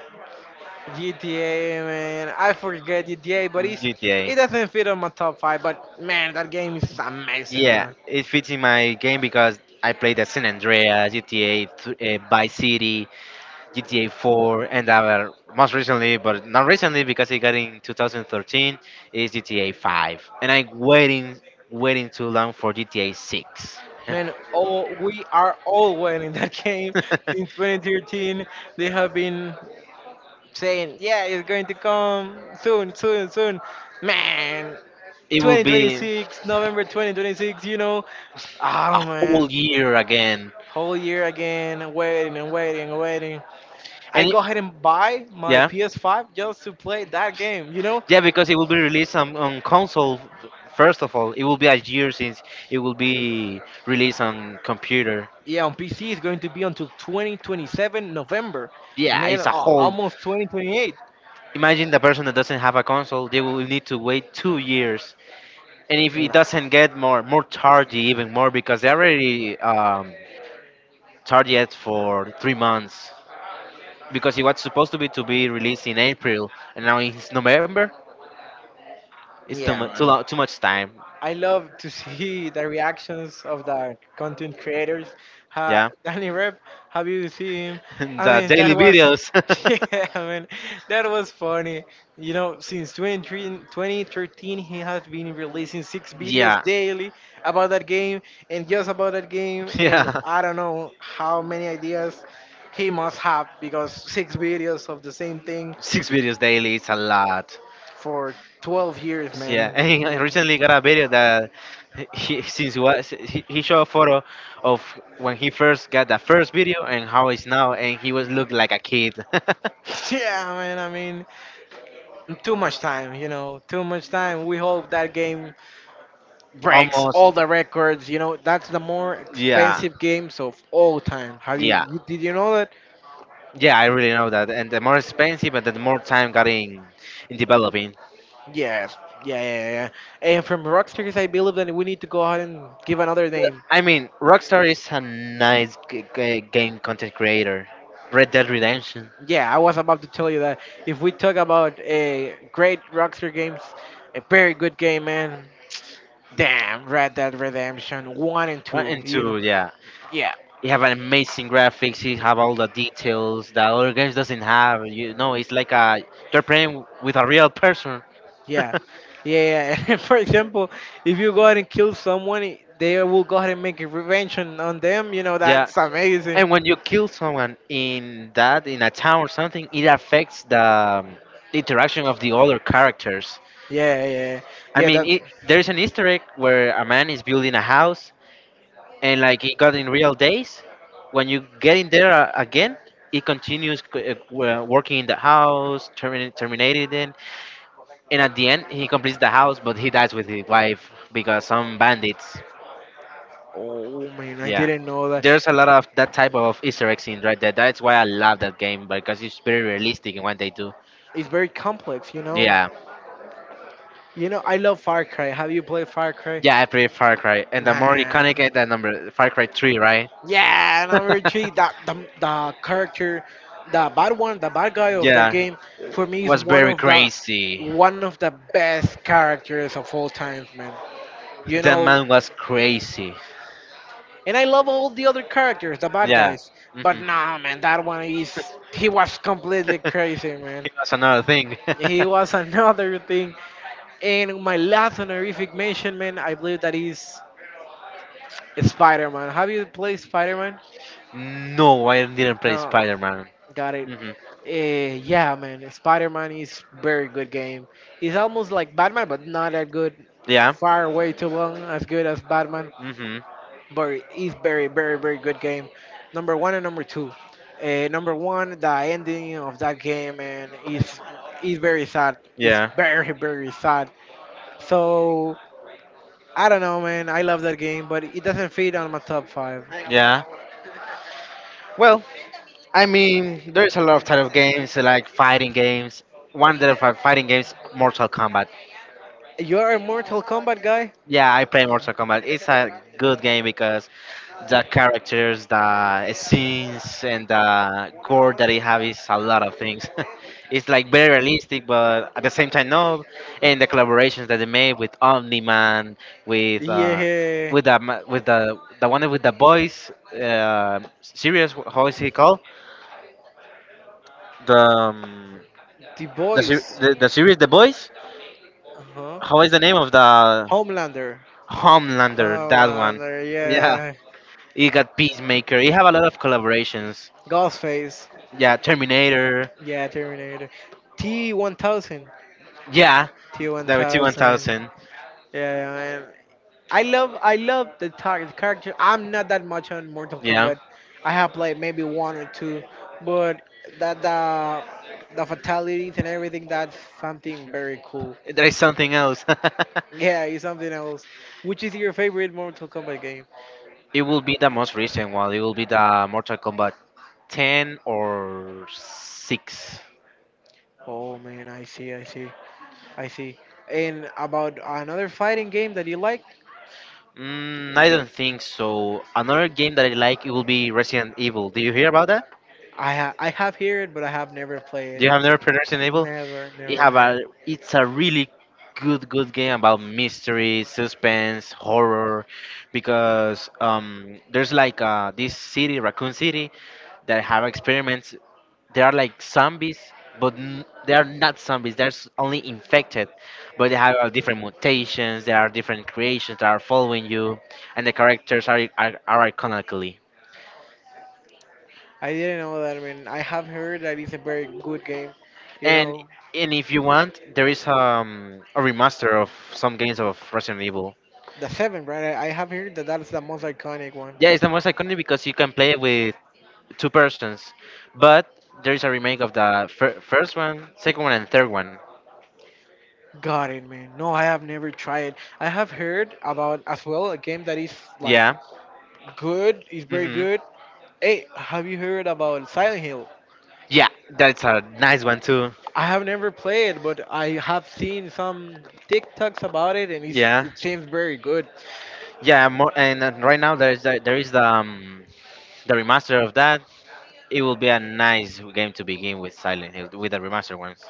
Speaker 1: GTA, man. I forget GTA, but it's,
Speaker 2: GTA.
Speaker 1: it doesn't fit on my top five. But man, that game is amazing,
Speaker 2: Yeah,
Speaker 1: man.
Speaker 2: it fits in my game because I played the San Andreas, GTA, Vice City, GTA 4, and our most recently, but not recently because it got in 2013, is GTA 5, and waiting too long for GTA 6.
Speaker 1: Man, oh, we are all winning that [LAUGHS] game since
Speaker 2: [LAUGHS]
Speaker 1: 2013. They have been saying, yeah, it's going to come soon. Man,
Speaker 2: It will be a
Speaker 1: 2026, November 2026, you know. Oh,
Speaker 2: whole
Speaker 1: man.
Speaker 2: year again,
Speaker 1: Whole year again, waiting. I
Speaker 2: and
Speaker 1: go ahead and buy my
Speaker 2: yeah,
Speaker 1: PS5 just to play that game, you know?
Speaker 2: yeah, because it will be released on console. First of all, it will be a year since it will be released on computer.
Speaker 1: Yeah, on PC it's going to be until 2027 November.
Speaker 2: Yeah,
Speaker 1: Man,
Speaker 2: it's a whole.
Speaker 1: almost 2028.
Speaker 2: Imagine the person that doesn't have a console; they will need to wait 2 years. And if it
Speaker 1: Nah,
Speaker 2: doesn't get more tardy even more because they already targeted for 3 months, because it was supposed to be released in April, and now it's November. It's too
Speaker 1: yeah,
Speaker 2: much
Speaker 1: man.
Speaker 2: long, too much time.
Speaker 1: I love to [LAUGHS] see the reactions of the content creators.
Speaker 2: Yeah.
Speaker 1: Danny Rep, have you seen him?
Speaker 2: [LAUGHS] And
Speaker 1: I
Speaker 2: the
Speaker 1: mean, that
Speaker 2: daily
Speaker 1: was
Speaker 2: videos.
Speaker 1: [LAUGHS] yeah, I mean, that was funny. You know, since 23 2013, he has been releasing six videos
Speaker 2: [LAUGHS] Yeah,
Speaker 1: daily about that game and just about that game. And
Speaker 2: yeah,
Speaker 1: I don't know how many ideas he must have because six videos of the same thing
Speaker 2: 6 videos daily it's a lot.
Speaker 1: for 12 years,
Speaker 2: Yeah. [LAUGHS]
Speaker 1: man. You
Speaker 2: And I
Speaker 1: know. [LAUGHS]
Speaker 2: recently got a video that he, since he showed a photo of when he first got the first video and how it's now, and he was looked like a kid. [LAUGHS]
Speaker 1: Yeah, man, I mean, too much time, you know, too much time. We hope that game breaks
Speaker 2: Almost,
Speaker 1: all the records. You know, that's the more
Speaker 2: yeah,
Speaker 1: expensive games of all time.
Speaker 2: yeah,
Speaker 1: You know that?
Speaker 2: yeah. I really know that, and the more expensive, and the more time got in developing.
Speaker 1: Yes. Yeah, And from Rockstars, I believe that we need to go ahead and give another name.
Speaker 2: I mean, Rockstar is a nice game content creator. Red Dead Redemption
Speaker 1: Yeah, I was about to tell you that if we talk about a great Rockstar games, a very good game, man. Damn, Red Dead Redemption one and
Speaker 2: one
Speaker 1: two.
Speaker 2: and
Speaker 1: You know,
Speaker 2: two, yeah.
Speaker 1: yeah,
Speaker 2: You have amazing graphics. You have all the details that other games doesn't have. You know, it's like a you're playing with a real person.
Speaker 1: Yeah, yeah. [LAUGHS] For example, if you go ahead and kill someone, they will go ahead and make a revenge on them. You know, that's
Speaker 2: [LAUGHS]
Speaker 1: amazing.
Speaker 2: And when you kill someone in that in a town or something, it affects the interaction of the other characters.
Speaker 1: Yeah, yeah,
Speaker 2: I
Speaker 1: yeah.
Speaker 2: mean,
Speaker 1: That.
Speaker 2: there's an Easter egg where a man is building a house, and like it got in real days. When you get in there again, it continues working in the house, terminating it. And at the end, he completes the house, but he dies with his wife because some bandits.
Speaker 1: Oh man, I
Speaker 2: Yeah,
Speaker 1: didn't know that.
Speaker 2: there's a lot of that type of Easter eggs in Red Dead. That's why I love that game because it's very realistic in what they do.
Speaker 1: It's very complex. You know.
Speaker 2: Yeah,
Speaker 1: You know, I love Far Cry. Have you played Far Cry?
Speaker 2: yeah, I played Far Cry, and the more iconic
Speaker 1: Man.
Speaker 2: is that number Far Cry 3, right?
Speaker 1: Yeah, and number three,
Speaker 2: [LAUGHS]
Speaker 1: that the character, the bad guy of that
Speaker 2: Yeah,
Speaker 1: game, for me is
Speaker 2: was very crazy.
Speaker 1: one of the best characters of all times, man. You
Speaker 2: That
Speaker 1: know,
Speaker 2: man was crazy.
Speaker 1: and I love all the other characters, the bad
Speaker 2: Yeah.
Speaker 1: guys, but
Speaker 2: hmm
Speaker 1: nah, man, that one is he was completely
Speaker 2: [LAUGHS]
Speaker 1: crazy, man.
Speaker 2: He was another thing. [LAUGHS]
Speaker 1: He was [LAUGHS] another thing. And my last honorific mention, man, I believe that is Spider-Man. Have you played Spider-Man?
Speaker 2: No, I didn't play
Speaker 1: No.
Speaker 2: Spider Man.
Speaker 1: Got it.
Speaker 2: Hmm
Speaker 1: Yeah, man. Spider-Man is very good game. It's almost like Batman, but not that good.
Speaker 2: Yeah.
Speaker 1: Far way too long as good as Batman,
Speaker 2: hmm
Speaker 1: but it's very, very, very good game. Number one and number two. Number one, the ending of that game, and is very sad. It's
Speaker 2: Yeah.
Speaker 1: very, very sad. So I don't know, man. I love that game, but it doesn't fit on my top five. [LAUGHS]
Speaker 2: Yeah. Well, I mean, there's a lot of type of games like fighting games. One of the fighting games, Mortal Kombat.
Speaker 1: You're a Mortal Kombat guy.
Speaker 2: Yeah, I play Mortal Kombat. It's a good game because the characters, the scenes, and the gore that they have is a lot of things. [LAUGHS] It's like very realistic, but at the same time, no. And the collaborations that they made with Omni Man, with
Speaker 1: Y
Speaker 2: uh,
Speaker 1: es.
Speaker 2: with the with the one with the boys, serious. How is he called? The
Speaker 1: The
Speaker 2: the,
Speaker 1: Boys.
Speaker 2: the series The Boys.
Speaker 1: Uh huh.
Speaker 2: How is the name of the
Speaker 1: Homelander.
Speaker 2: Homelander? That one. Yeah,
Speaker 1: Yeah.
Speaker 2: he got Peacemaker. He have a lot of collaborations.
Speaker 1: Ghostface.
Speaker 2: Yeah, Terminator.
Speaker 1: Yeah, Terminator. T1000.
Speaker 2: Yeah, that was T one
Speaker 1: T1000.
Speaker 2: thousand.
Speaker 1: Yeah, I love the target character. I'm not that much on Mortal
Speaker 2: Yeah,
Speaker 1: Kombat. I have played maybe one or two, but that the fatalities and everything, that's something very cool.
Speaker 2: there is something else.
Speaker 1: Yeah, it's something else. Which is your favorite Mortal Kombat game?
Speaker 2: [LAUGHS] It will be the most recent one. It will be the Mortal Kombat 10 or 6.
Speaker 1: Oh man, I see, I see, I see. And about another fighting game that you like?
Speaker 2: Mm, I don't think so. Another game that I like it will be Resident Evil. Do you hear about that?
Speaker 1: I have heard, but I have never played
Speaker 2: Do you
Speaker 1: it.
Speaker 2: have never played Resident Evil?
Speaker 1: Never,
Speaker 2: It
Speaker 1: never,
Speaker 2: have
Speaker 1: never.
Speaker 2: a, it's a really good game about mystery, suspense, horror, because there's like this city, Raccoon City, that have experiments. They are like zombies, but they are not zombies. They're only infected, but they have different mutations. There are different creations that are following you, and the characters are iconically.
Speaker 1: I didn't know that. I mean, I have heard that it's a very good game, you
Speaker 2: And
Speaker 1: know.
Speaker 2: and if you want, there is a remaster of some games of Resident Evil.
Speaker 1: The seven, right? I have heard that that's the most iconic one.
Speaker 2: Yeah, it's the most iconic because you can play it with two persons. But there is a remake of the first one, second one, and third one.
Speaker 1: Got it, man. No, I have never tried. I have heard about as well a game that is like
Speaker 2: Yeah.
Speaker 1: good, is very
Speaker 2: Hmm.
Speaker 1: good. Hey, have you heard about Silent Hill?
Speaker 2: Yeah, that's a nice one too.
Speaker 1: I have never played, but I have seen some TikToks about it, and it's,
Speaker 2: Yeah.
Speaker 1: it seems very good.
Speaker 2: Yeah. More, and right now there is the the remaster of that. It will be a nice game to begin with Silent Hill with the remaster ones.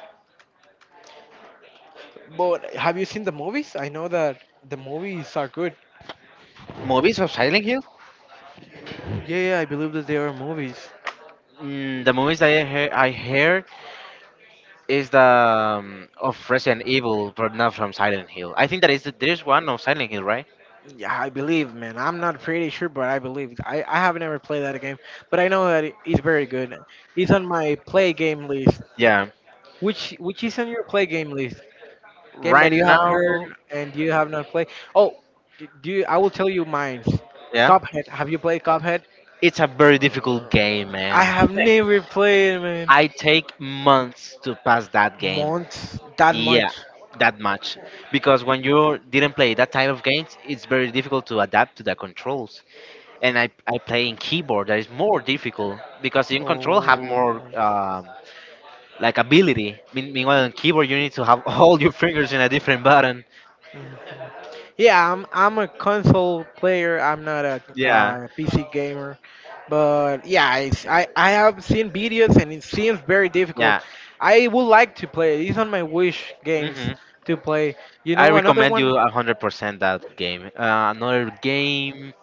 Speaker 1: But have you seen the movies? I know that the movies are good.
Speaker 2: Movies of Silent Hill?
Speaker 1: Yeah, yeah, I believe that they are movies.
Speaker 2: The movies I heard is the of Resident Evil, but not from Silent Hill. I think that is there's one of Silent Hill, right?
Speaker 1: Yeah, I believe, man. I'm not pretty sure, but I believe. I have never played that game, but I know that he's very good. He's on my play game list.
Speaker 2: Yeah.
Speaker 1: Which is on your play game list? Game
Speaker 2: Right
Speaker 1: that you have
Speaker 2: now,
Speaker 1: heard and you have not played. Oh, do you, I will tell you mine.
Speaker 2: yeah,
Speaker 1: Cuphead. Have you played Cuphead?
Speaker 2: it's a very difficult game,
Speaker 1: I
Speaker 2: man.
Speaker 1: have
Speaker 2: [LAUGHS]
Speaker 1: never played, man.
Speaker 2: I take months to pass that game.
Speaker 1: Months that
Speaker 2: Yeah,
Speaker 1: much.
Speaker 2: that much. Because when you didn't play that type of games, it's very difficult to adapt to the controls. And I play in keyboard, that is more difficult because in control have more
Speaker 1: Oh.
Speaker 2: like ability. Meanwhile, on keyboard you need to have [LAUGHS] all your fingers in a different button.
Speaker 1: Mm. Yeah, I'm a console player. I'm not a
Speaker 2: Yeah,
Speaker 1: PC gamer, but yeah, I have seen videos and it seems very difficult.
Speaker 2: yeah.
Speaker 1: I would like to play it. It's on my wish games
Speaker 2: Hmm.
Speaker 1: to play. You
Speaker 2: I
Speaker 1: know, another
Speaker 2: recommend
Speaker 1: one.
Speaker 2: you 100% that game. Another game.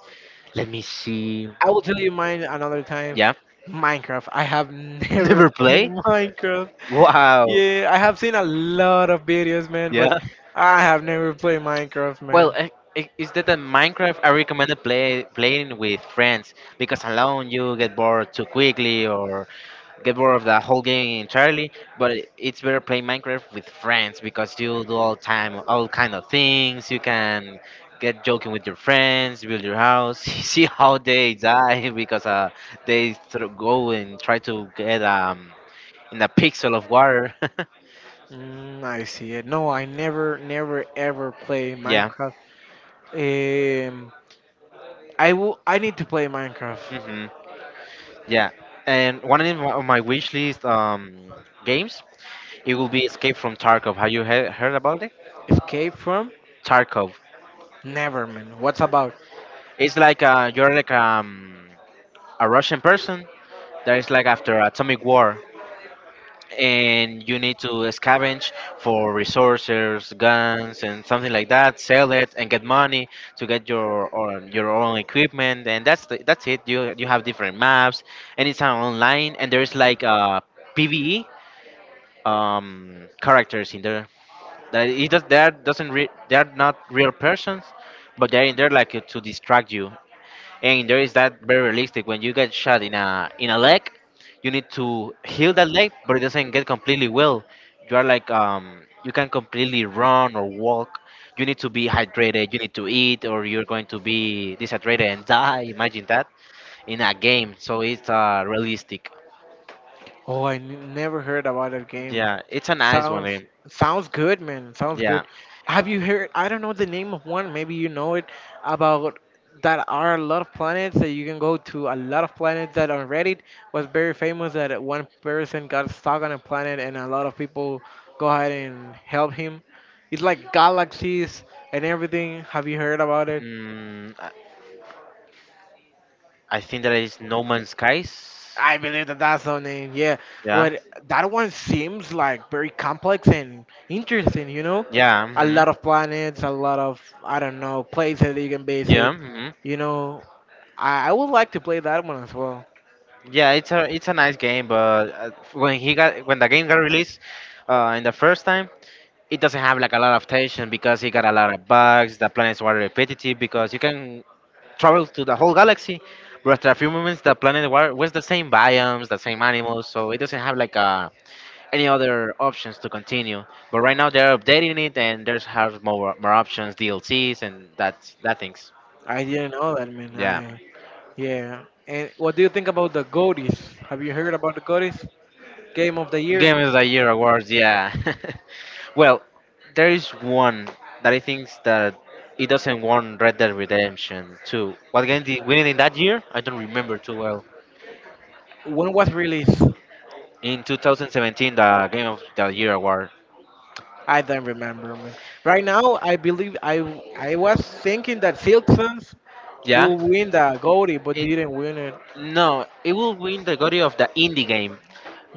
Speaker 2: Let me see.
Speaker 1: I will tell you mine another time.
Speaker 2: Yeah,
Speaker 1: Minecraft. I have [LAUGHS]
Speaker 2: [LAUGHS]
Speaker 1: never
Speaker 2: never
Speaker 1: played
Speaker 2: play.
Speaker 1: Minecraft.
Speaker 2: Wow.
Speaker 1: Yeah, I have seen a lot of videos, man, but
Speaker 2: Yeah.
Speaker 1: I have never played Minecraft,
Speaker 2: Well,
Speaker 1: man.
Speaker 2: is that a Minecraft? I recommend playing with friends because alone you get bored too quickly or get bored of the whole game entirely. But it's better playing Minecraft with friends because you do all time all kind of things. You can get joking with your friends, build your house, [LAUGHS] see how they die because they go and try to get in a pixel of water. [LAUGHS]
Speaker 1: I see it. No, I never, never, ever play
Speaker 2: Yeah.
Speaker 1: Minecraft. Um, I will. I need to play Minecraft.
Speaker 2: Hmm. Yeah, and one of my on my wish list games it will be Escape from Tarkov. Have you heard about it?
Speaker 1: Escape from?
Speaker 2: Tarkov.
Speaker 1: Never, man. What's about?
Speaker 2: It's like you're like a Russian person that is like after atomic war, and you need to scavenge for resources, guns, and something like that. Sell it and get money to get your own equipment, and that's it. You have different maps, and it's online, and there's like PVE characters in there. That it does, they are doesn't re- they are not real persons, but they're in there like to distract you. And there is that very realistic when you get shot in a leg, you need to heal that leg, but it doesn't get completely well. You are like you can completely run or walk. You need to be hydrated. You need to eat, or you're going to be deshydrated and die. Imagine that in a game. So it's realistic.
Speaker 1: Oh, I never heard about that game.
Speaker 2: Yeah, it's a nice one,
Speaker 1: Sounds
Speaker 2: eh?
Speaker 1: sounds good, man. Sounds good.
Speaker 2: Yeah.
Speaker 1: Have you heard? I don't know the name of one. Maybe you know it. About that are a lot of planets that you can go to. A lot of planets that on Reddit was very famous. That one person got stuck on a planet, and a lot of people go ahead and help him. It's like galaxies and everything. Have you heard about it?
Speaker 2: Mm, I think that is No Man's Skies.
Speaker 1: I believe that that's the name. Yeah,
Speaker 2: Yeah,
Speaker 1: but that one seems like very complex and interesting. You know,
Speaker 2: yeah.
Speaker 1: a
Speaker 2: Hmm.
Speaker 1: lot of planets, a lot of I don't know places that you can visit.
Speaker 2: Yeah. Hmm.
Speaker 1: You know, I would like to play that one as well.
Speaker 2: Yeah. It's a nice game, but when he got when the game got released, in the first time, it doesn't have like a lot of tension because it got a lot of bugs. The planets were repetitive because you can travel to the whole galaxy, but after a few moments, the planet were was the same biomes, the same animals, so it doesn't have like a any other options to continue. But right now they're updating it and there's have more options, DLCs and that things.
Speaker 1: I didn't know that, man.
Speaker 2: Yeah,
Speaker 1: I yeah. And what do you think about the Goaties? Have you heard about the Goaties? Game of the year.
Speaker 2: Game of the Year awards. Yeah, [LAUGHS] well, there is one that I think that it doesn't won Red Dead Redemption 2. What game did win it in that year? I don't remember too well.
Speaker 1: When was released?
Speaker 2: In 2017, the Game of the Year award.
Speaker 1: I don't remember, man. Right now, I believe I was thinking that Simpsons
Speaker 2: Yeah,
Speaker 1: will win the Goldie, but
Speaker 2: it
Speaker 1: didn't win it.
Speaker 2: no, it will win the category of the indie game,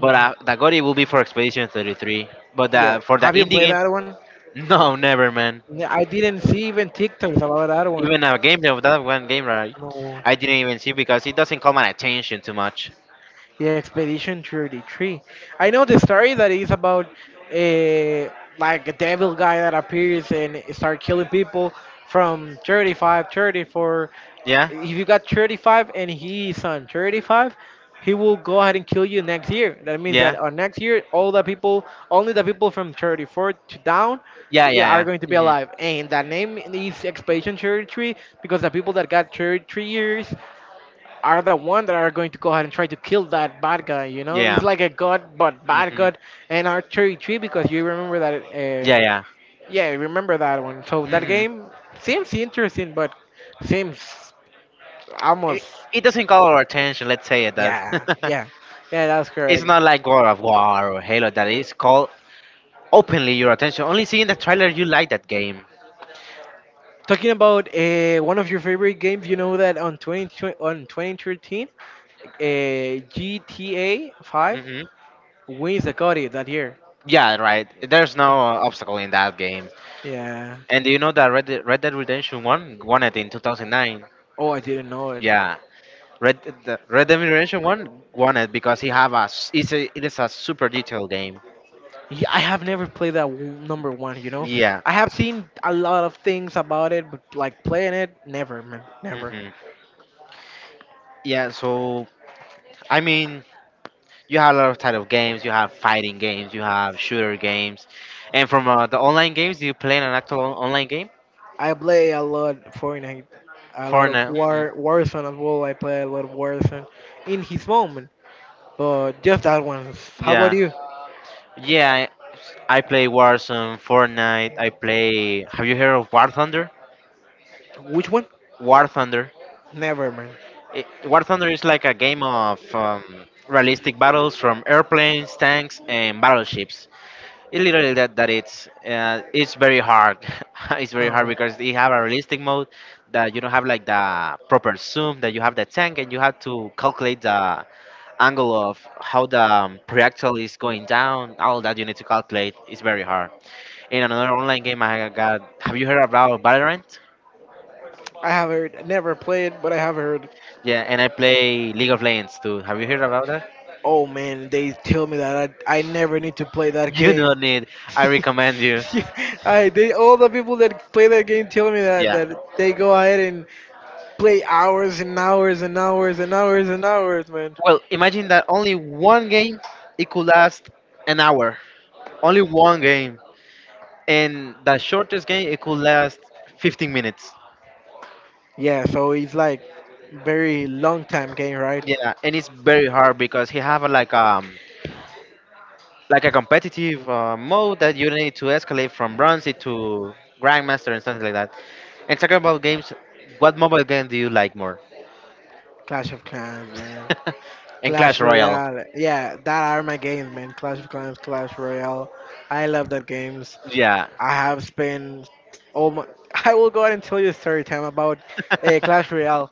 Speaker 2: but the category will be for Expedition 33. But
Speaker 1: Yeah.
Speaker 2: for the
Speaker 1: Have you
Speaker 2: indie
Speaker 1: played
Speaker 2: game,
Speaker 1: that one?
Speaker 2: [LAUGHS] no, never, man.
Speaker 1: Yeah, I didn't see even TikToks about that one.
Speaker 2: Even a game of that one game, right?
Speaker 1: No.
Speaker 2: I didn't even see because it doesn't call my attention too much.
Speaker 1: Yeah, Expedition 33. I know the story that is about a like a devil guy that appears and start killing people from 35, 34.
Speaker 2: Yeah,
Speaker 1: If you got 35 and he is on 35, he will go ahead and kill you next year. That means that
Speaker 2: yeah,
Speaker 1: on next year, all the people, only the people from 34 to down,
Speaker 2: yeah,
Speaker 1: they are
Speaker 2: yeah,
Speaker 1: going to be
Speaker 2: yeah. Hmm.
Speaker 1: alive. And that name is Expedition 33 because the people that got 33 years are the one that are going to go ahead and try to kill that bad guy. You know, it's
Speaker 2: Yeah.
Speaker 1: like a god, but bad
Speaker 2: Hmm.
Speaker 1: god, and R 33 because you remember that.
Speaker 2: Yeah,
Speaker 1: Um,
Speaker 2: yeah.
Speaker 1: yeah, remember that one. So that
Speaker 2: Hmm.
Speaker 1: game seems interesting, but seems almost,
Speaker 2: It doesn't call our attention. Let's say it does.
Speaker 1: yeah,
Speaker 2: [LAUGHS]
Speaker 1: yeah, yeah. That's
Speaker 2: It's
Speaker 1: correct.
Speaker 2: not like God of War or Halo that is called openly your attention. Only seeing the trailer, you like that game.
Speaker 1: Talking about one of your favorite games, you know that on 20, on 2013, GTA 5
Speaker 2: Hmm.
Speaker 1: wins the GOTY that year.
Speaker 2: Yeah, right. There's no obstacle in that game.
Speaker 1: Yeah.
Speaker 2: And do you know that Red Dead Redemption One won it in 2009?
Speaker 1: Oh, I didn't know it.
Speaker 2: Yeah. Red Dead Redemption One won it because he have a s- it's a, it is a super detailed game.
Speaker 1: Yeah, I have never played that number one.
Speaker 2: Yeah.
Speaker 1: I have seen a lot of things about it, but like playing it, never, man, never.
Speaker 2: Hmm. Yeah, so I mean, you have a lot of type of games. You have fighting games. You have shooter games, and from the online games, do you play an actual online game?
Speaker 1: I play a lot Fortnite, a lot of
Speaker 2: Fortnite. Mm.
Speaker 1: Warzone as well. I play a lot of Warzone in his moment, but just that one. How about
Speaker 2: Yeah,
Speaker 1: you?
Speaker 2: yeah. I play Warzone, Fortnite. I play. Have you heard of War Thunder?
Speaker 1: Which one?
Speaker 2: War Thunder.
Speaker 1: Never, man.
Speaker 2: War Thunder is like a game of realistic battles from airplanes, tanks, and battleships. It literally that that it's very hard. [LAUGHS] It's very hard
Speaker 1: No.
Speaker 2: because they have a realistic mode that you don't have like the proper zoom that you have the tank and you have to calculate the angle of how the projectile is going down. All that you need to calculate. It's very hard. In another online game, I got. Have you heard about Valorant?
Speaker 1: I have heard, never played, but I have heard.
Speaker 2: Yeah, and I play League of Legends too. Have you heard about that? [LAUGHS]
Speaker 1: Oh man, they tell me that I never need to play that
Speaker 2: You
Speaker 1: game.
Speaker 2: don't need. I recommend
Speaker 1: [LAUGHS]
Speaker 2: you.
Speaker 1: I They all the people that play that game tell me that
Speaker 2: Yeah.
Speaker 1: that they go ahead and play hours and hours and hours and hours and hours, man.
Speaker 2: Well, imagine that only one game it could last an hour only one game, and the shortest game it could last 15 minutes.
Speaker 1: Yeah, so it's like very long time game, right?
Speaker 2: Yeah, and it's very hard because he have a, like a competitive mode that you need to escalate from bronze to grandmaster and something like that. And talking about games, what mobile game do you like more?
Speaker 1: Clash of Clans, man.
Speaker 2: [LAUGHS] And
Speaker 1: Clash
Speaker 2: Clash Royale.
Speaker 1: Royale. Yeah, that are my games, man. Clash of Clans, Clash Royale. I love that games.
Speaker 2: Yeah.
Speaker 1: I have spent all my. [LAUGHS] I will go ahead and tell you a story time about Clash
Speaker 2: [LAUGHS]
Speaker 1: Royale.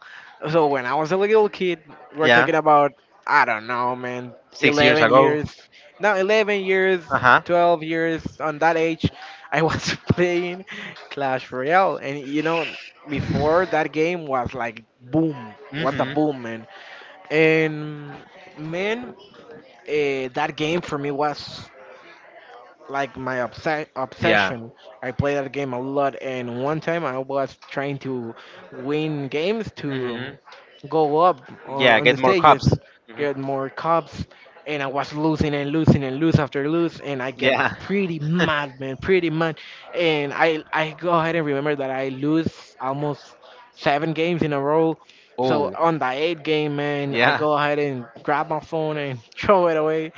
Speaker 1: So when I was a little kid, we're
Speaker 2: Yeah.
Speaker 1: talking about I don't know, man,
Speaker 2: 6 years
Speaker 1: eleven
Speaker 2: ago.
Speaker 1: years. Now 11 years,
Speaker 2: Uh huh.
Speaker 1: 12 years. On that age, I was [LAUGHS] playing Clash Royale, and you know, before that game was like boom, was the
Speaker 2: Mhm.
Speaker 1: boom, man. And man, that game for me was like my obse-
Speaker 2: Yeah.
Speaker 1: obsession. I play that game a lot, and one time I was trying to win games to
Speaker 2: Mhm.
Speaker 1: go up on,
Speaker 2: Yeah.
Speaker 1: on
Speaker 2: Get
Speaker 1: the
Speaker 2: more
Speaker 1: stages,
Speaker 2: cups. Mhm.
Speaker 1: get more cups, and I was losing and losing and lose after lose, and I get
Speaker 2: Yeah.
Speaker 1: pretty
Speaker 2: [LAUGHS]
Speaker 1: mad, man, pretty mad, and I go ahead and remember that I lose almost seven games in a row, so
Speaker 2: Oh.
Speaker 1: on the eighth game, man, I
Speaker 2: Yeah.
Speaker 1: go ahead and grab my phone and [LAUGHS] throw it away.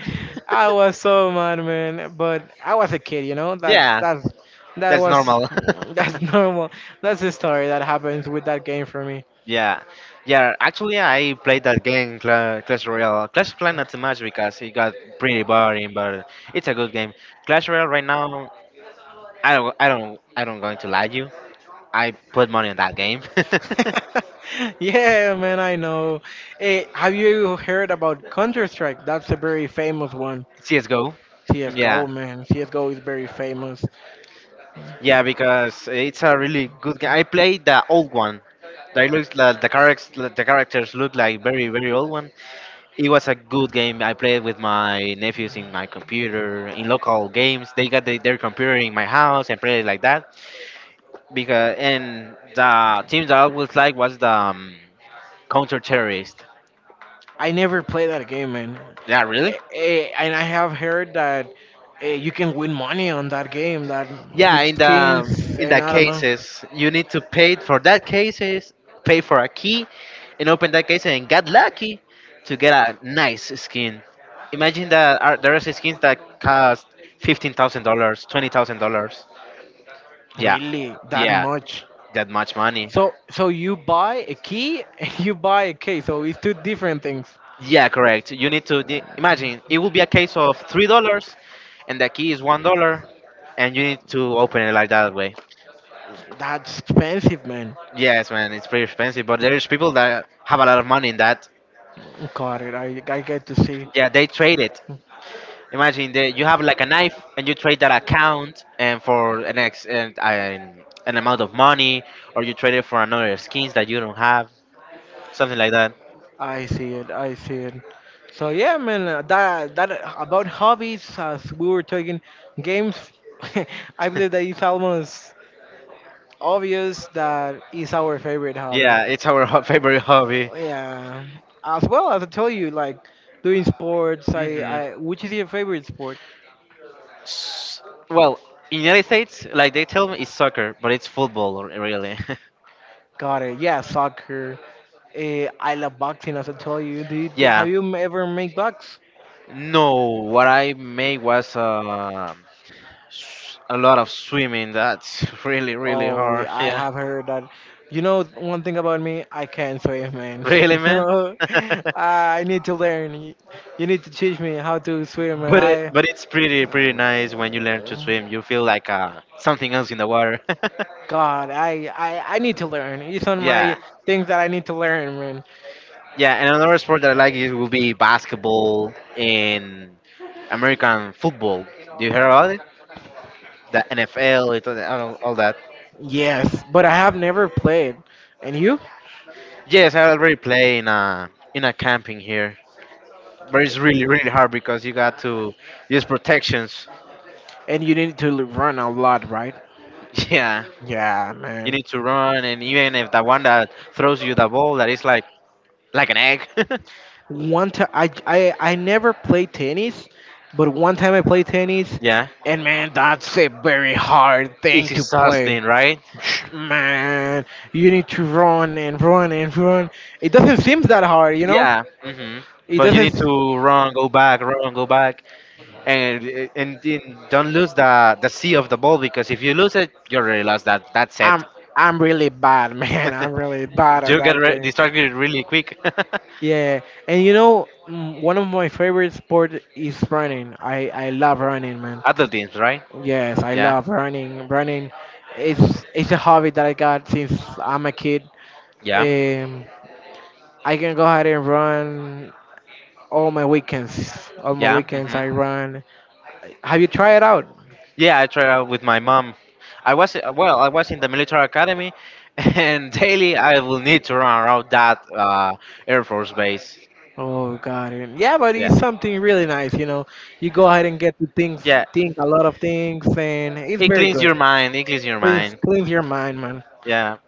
Speaker 1: I was so mad, man. But I was a kid. That's
Speaker 2: Yeah.
Speaker 1: that's that
Speaker 2: That's
Speaker 1: was
Speaker 2: normal. [LAUGHS]
Speaker 1: [LAUGHS] that's normal. That's the story that happens with that game for me.
Speaker 2: Yeah, yeah. Actually, I played that game Clash Royale. Clash Royale not so much because it got pretty boring, but it's a good game. Clash Royale right now, I don't going to lie you. I put money on that game.
Speaker 1: [LAUGHS] Yeah, man, I know. Have you heard about Counter Strike? That's a very famous one.
Speaker 2: [LAUGHS] CS:GO.
Speaker 1: CS:GO,
Speaker 2: Yeah,
Speaker 1: man. CS:GO is very famous.
Speaker 2: yeah, because it's a really good game. I played the old one. They looks like the characters look like very, very old. It was a good game. I played with my nephews in my computer in local games. They got their computer in my house and played like that. Because and the teams that I always like was the counter terrorist.
Speaker 1: I never played that game, man.
Speaker 2: Yeah, really?
Speaker 1: And I have heard that you can win money on that game, that
Speaker 2: Yeah,
Speaker 1: with skins
Speaker 2: in
Speaker 1: and
Speaker 2: the
Speaker 1: I don't know,
Speaker 2: cases you need to pay for that cases, pay for a key, and open that case and get lucky to get a nice skin. Imagine there are skins that cost $15,000, $20,000. Yeah.
Speaker 1: really that
Speaker 2: Yeah,
Speaker 1: much.
Speaker 2: that much money.
Speaker 1: So you buy a key [LAUGHS] and you buy a key. So it's two different things.
Speaker 2: Yeah, correct. You need to imagine it will be a case of $3, and the key is $1, and you need to open it like that way.
Speaker 1: That's expensive, man.
Speaker 2: Yes, man, it's pretty expensive, but there's people that have a lot of money in that.
Speaker 1: Got it. I get to see.
Speaker 2: Yeah, they trade it. Imagine that you have like a knife, and you trade that account, and for an ex and an amount of money, or you trade it for another skins that you don't have, something like that.
Speaker 1: I see it. I see it. So yeah, man. That about hobbies as we were talking games. [LAUGHS] I believe that
Speaker 2: [LAUGHS]
Speaker 1: it's almost obvious that is our favorite hobby.
Speaker 2: Yeah, it's our [LAUGHS] favorite hobby.
Speaker 1: Yeah. As well as I told you, like doing sports.
Speaker 2: Mhm.
Speaker 1: I Which is your favorite sport?
Speaker 2: S- Well, in the United States, like they tell me, it's soccer, but it's football, really. [LAUGHS]
Speaker 1: Got it. Yeah, soccer. I love boxing. As I told you, have
Speaker 2: Yeah.
Speaker 1: you ever make box?
Speaker 2: No, what I made was a lot of swimming. That's [LAUGHS] really, really
Speaker 1: Oh,
Speaker 2: hard.
Speaker 1: yeah,
Speaker 2: [LAUGHS]
Speaker 1: I
Speaker 2: Yeah.
Speaker 1: have heard that. You know, one thing about me, I can't swim, man.
Speaker 2: Really,
Speaker 1: [LAUGHS]
Speaker 2: man.
Speaker 1: No,
Speaker 2: [LAUGHS] but
Speaker 1: I need to learn. You need to teach me how to swim, and I.
Speaker 2: but it's pretty, pretty nice when you learn to swim. You feel like something else in the water.
Speaker 1: God, I need to learn. It's on
Speaker 2: [LAUGHS] Yeah.
Speaker 1: my things that I need to learn, man.
Speaker 2: Yeah, and another sport that I like is will be basketball and American football. Do you hear about it? The NFL, that.
Speaker 1: Yes, but I have never played. And you?
Speaker 2: Yes, I already play in a camping here, but it's really really hard because you got to use protections. [LAUGHS]
Speaker 1: And you need to run a lot, right?
Speaker 2: Yeah,
Speaker 1: Yeah,
Speaker 2: you
Speaker 1: man.
Speaker 2: need to run, and even if the one that throws you the ball, that is like an egg. [LAUGHS]
Speaker 1: One time I never played tennis, but one time I played tennis,
Speaker 2: Yeah,
Speaker 1: and man, that's a very hard thing
Speaker 2: it's
Speaker 1: to play.
Speaker 2: exhausting, right?
Speaker 1: Man, you need to run and run and run. It doesn't seem that hard.
Speaker 2: Yeah. Hmm.
Speaker 1: It
Speaker 2: But you
Speaker 1: doesn't.
Speaker 2: need to run, go back, and then don't lose the sea of the ball because if you lose it, you already lost that. That's it.
Speaker 1: I'm I'm really bad, [LAUGHS] man. I'm really bad
Speaker 2: [LAUGHS]
Speaker 1: at
Speaker 2: You get
Speaker 1: that game.
Speaker 2: distracted really quick. [LAUGHS]
Speaker 1: Yeah, and you know, one of my favorite sport is running. I love running, man.
Speaker 2: Adult themes, right?
Speaker 1: Yes, I
Speaker 2: Yeah,
Speaker 1: love running. Running it's a hobby that I got since I'm a kid.
Speaker 2: yeah,
Speaker 1: Um, I can go ahead and run all my weekends. All my
Speaker 2: yeah.
Speaker 1: weekends
Speaker 2: Hmm.
Speaker 1: I run. Have you tried it out?
Speaker 2: Yeah, I tried out with my mom. I was in the military academy, [LAUGHS] and daily I will need to run around that Air Force base.
Speaker 1: Oh God, yeah, but
Speaker 2: Yeah,
Speaker 1: it's something really nice. You know, you go ahead and get to things,
Speaker 2: yeah.
Speaker 1: think a lot of things, and it's
Speaker 2: It
Speaker 1: very
Speaker 2: cleans
Speaker 1: good.
Speaker 2: your mind. It cleans your
Speaker 1: Cleans
Speaker 2: mind.
Speaker 1: cleans your mind, man.
Speaker 2: Yeah.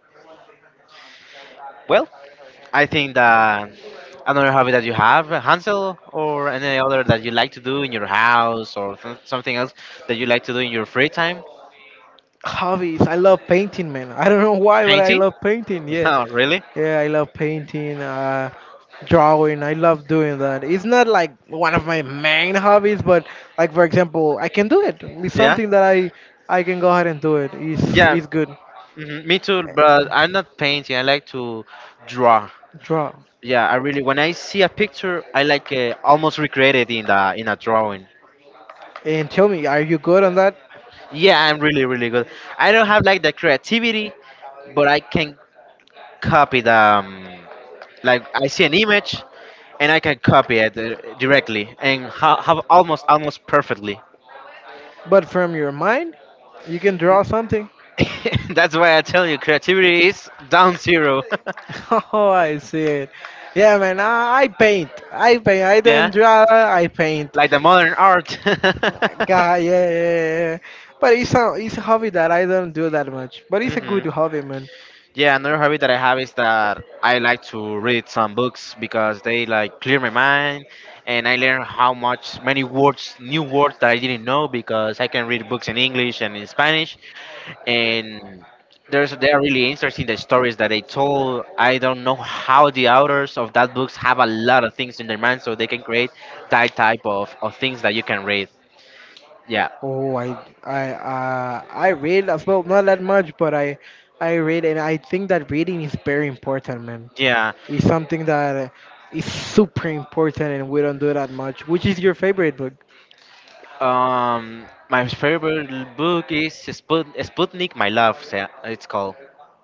Speaker 2: Well, I think that another hobby that you have, Hansel, or any other that you like to do in your house, or something else that you like to do in your free time,
Speaker 1: Hobbies. I love painting, man. I don't know why, but I
Speaker 2: painting. [LAUGHS]
Speaker 1: love painting. Yeah,
Speaker 2: Oh, really?
Speaker 1: yeah. I love painting, drawing. I love doing that. It's not like one of my main hobbies, but like for example, I can do it. It's
Speaker 2: Yeah.
Speaker 1: something that I can go ahead and do it. It's
Speaker 2: Yeah.
Speaker 1: it's good.
Speaker 2: Mhm. Me too, but
Speaker 1: Uh,
Speaker 2: I'm not painting. I like to draw.
Speaker 1: Draw.
Speaker 2: Yeah, I really. When I see a picture, I like almost recreate it in the in a drawing.
Speaker 1: And tell me, are you good on that?
Speaker 2: Yeah, I'm really really good. I don't have like the creativity, but I can copy the like I see an image, and I can copy it directly and have almost almost perfectly.
Speaker 1: But from your mind, you can draw something. [LAUGHS]
Speaker 2: [LAUGHS] That's why I tell you, creativity is down zero.
Speaker 1: Oh, I see it. Yeah, man. I paint. I paint. I
Speaker 2: [LAUGHS] Yeah,
Speaker 1: don't draw. I paint.
Speaker 2: like the modern art. [LAUGHS]
Speaker 1: God, yeah, yeah, yeah. Yeah. But it's a hobby that I don't do that much. But it's a
Speaker 2: Mhm.
Speaker 1: good hobby, man.
Speaker 2: Yeah, another hobby that I have is that I like to read some books because they like clear my mind and I learn how much many words, new words that I didn't know because I can read books in English and in Spanish and there's they are really interesting the stories that they told. I don't know how the authors of that books have a lot of things in their mind so they can create that type of things that you can read. Yeah.
Speaker 1: Oh, I read as well, not that much, but I read and I think that reading is very important, man.
Speaker 2: Yeah.
Speaker 1: It's something that is super important and we don't do that much. Which is your favorite book?
Speaker 2: My favorite book is Sputnik, My Love. It's called.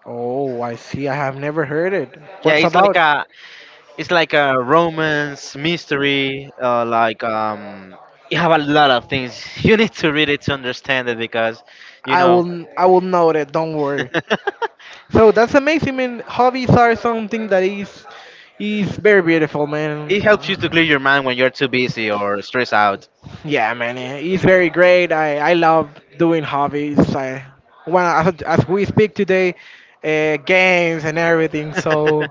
Speaker 1: Oh, I see. I have never heard it.
Speaker 2: Yeah,
Speaker 1: What's about?
Speaker 2: it's like a romance mystery. Like you have a lot of things. [LAUGHS] You need to read it to understand it because, you
Speaker 1: I
Speaker 2: know,
Speaker 1: will I will note it. Don't worry.
Speaker 2: [LAUGHS]
Speaker 1: So that's amazing, man. Hobbies are something that is very beautiful, man.
Speaker 2: it helps you to clear your mind when you're too busy or stressed out.
Speaker 1: Yeah, man, it's very great. I love doing hobbies. As we speak today, games and everything. So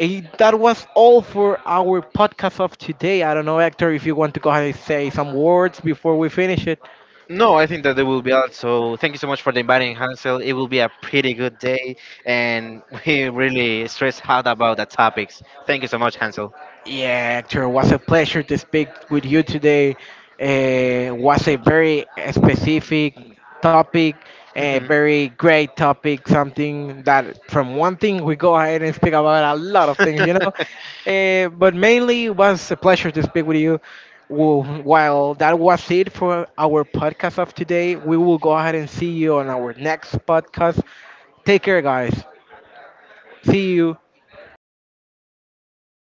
Speaker 1: that was all for our podcast of today. I don't know, Hector, if you want to go ahead and say some words before we finish it.
Speaker 2: No, I think that it will be out. So thank you so much for the inviting, Hansel. It will be a pretty good day, and [LAUGHS] we really stress out about the topics. Thank you so much, Hansel.
Speaker 1: Yeah, Hector, was a pleasure to speak with you today. Was a very specific topic, a very great topic, something that from one thing we go ahead and speak about a lot of things.
Speaker 2: [LAUGHS]
Speaker 1: But mainly it was a pleasure to speak with you. Well, while that was it for our podcast of today, we will go ahead and see you on our next podcast. Take care, guys. See you.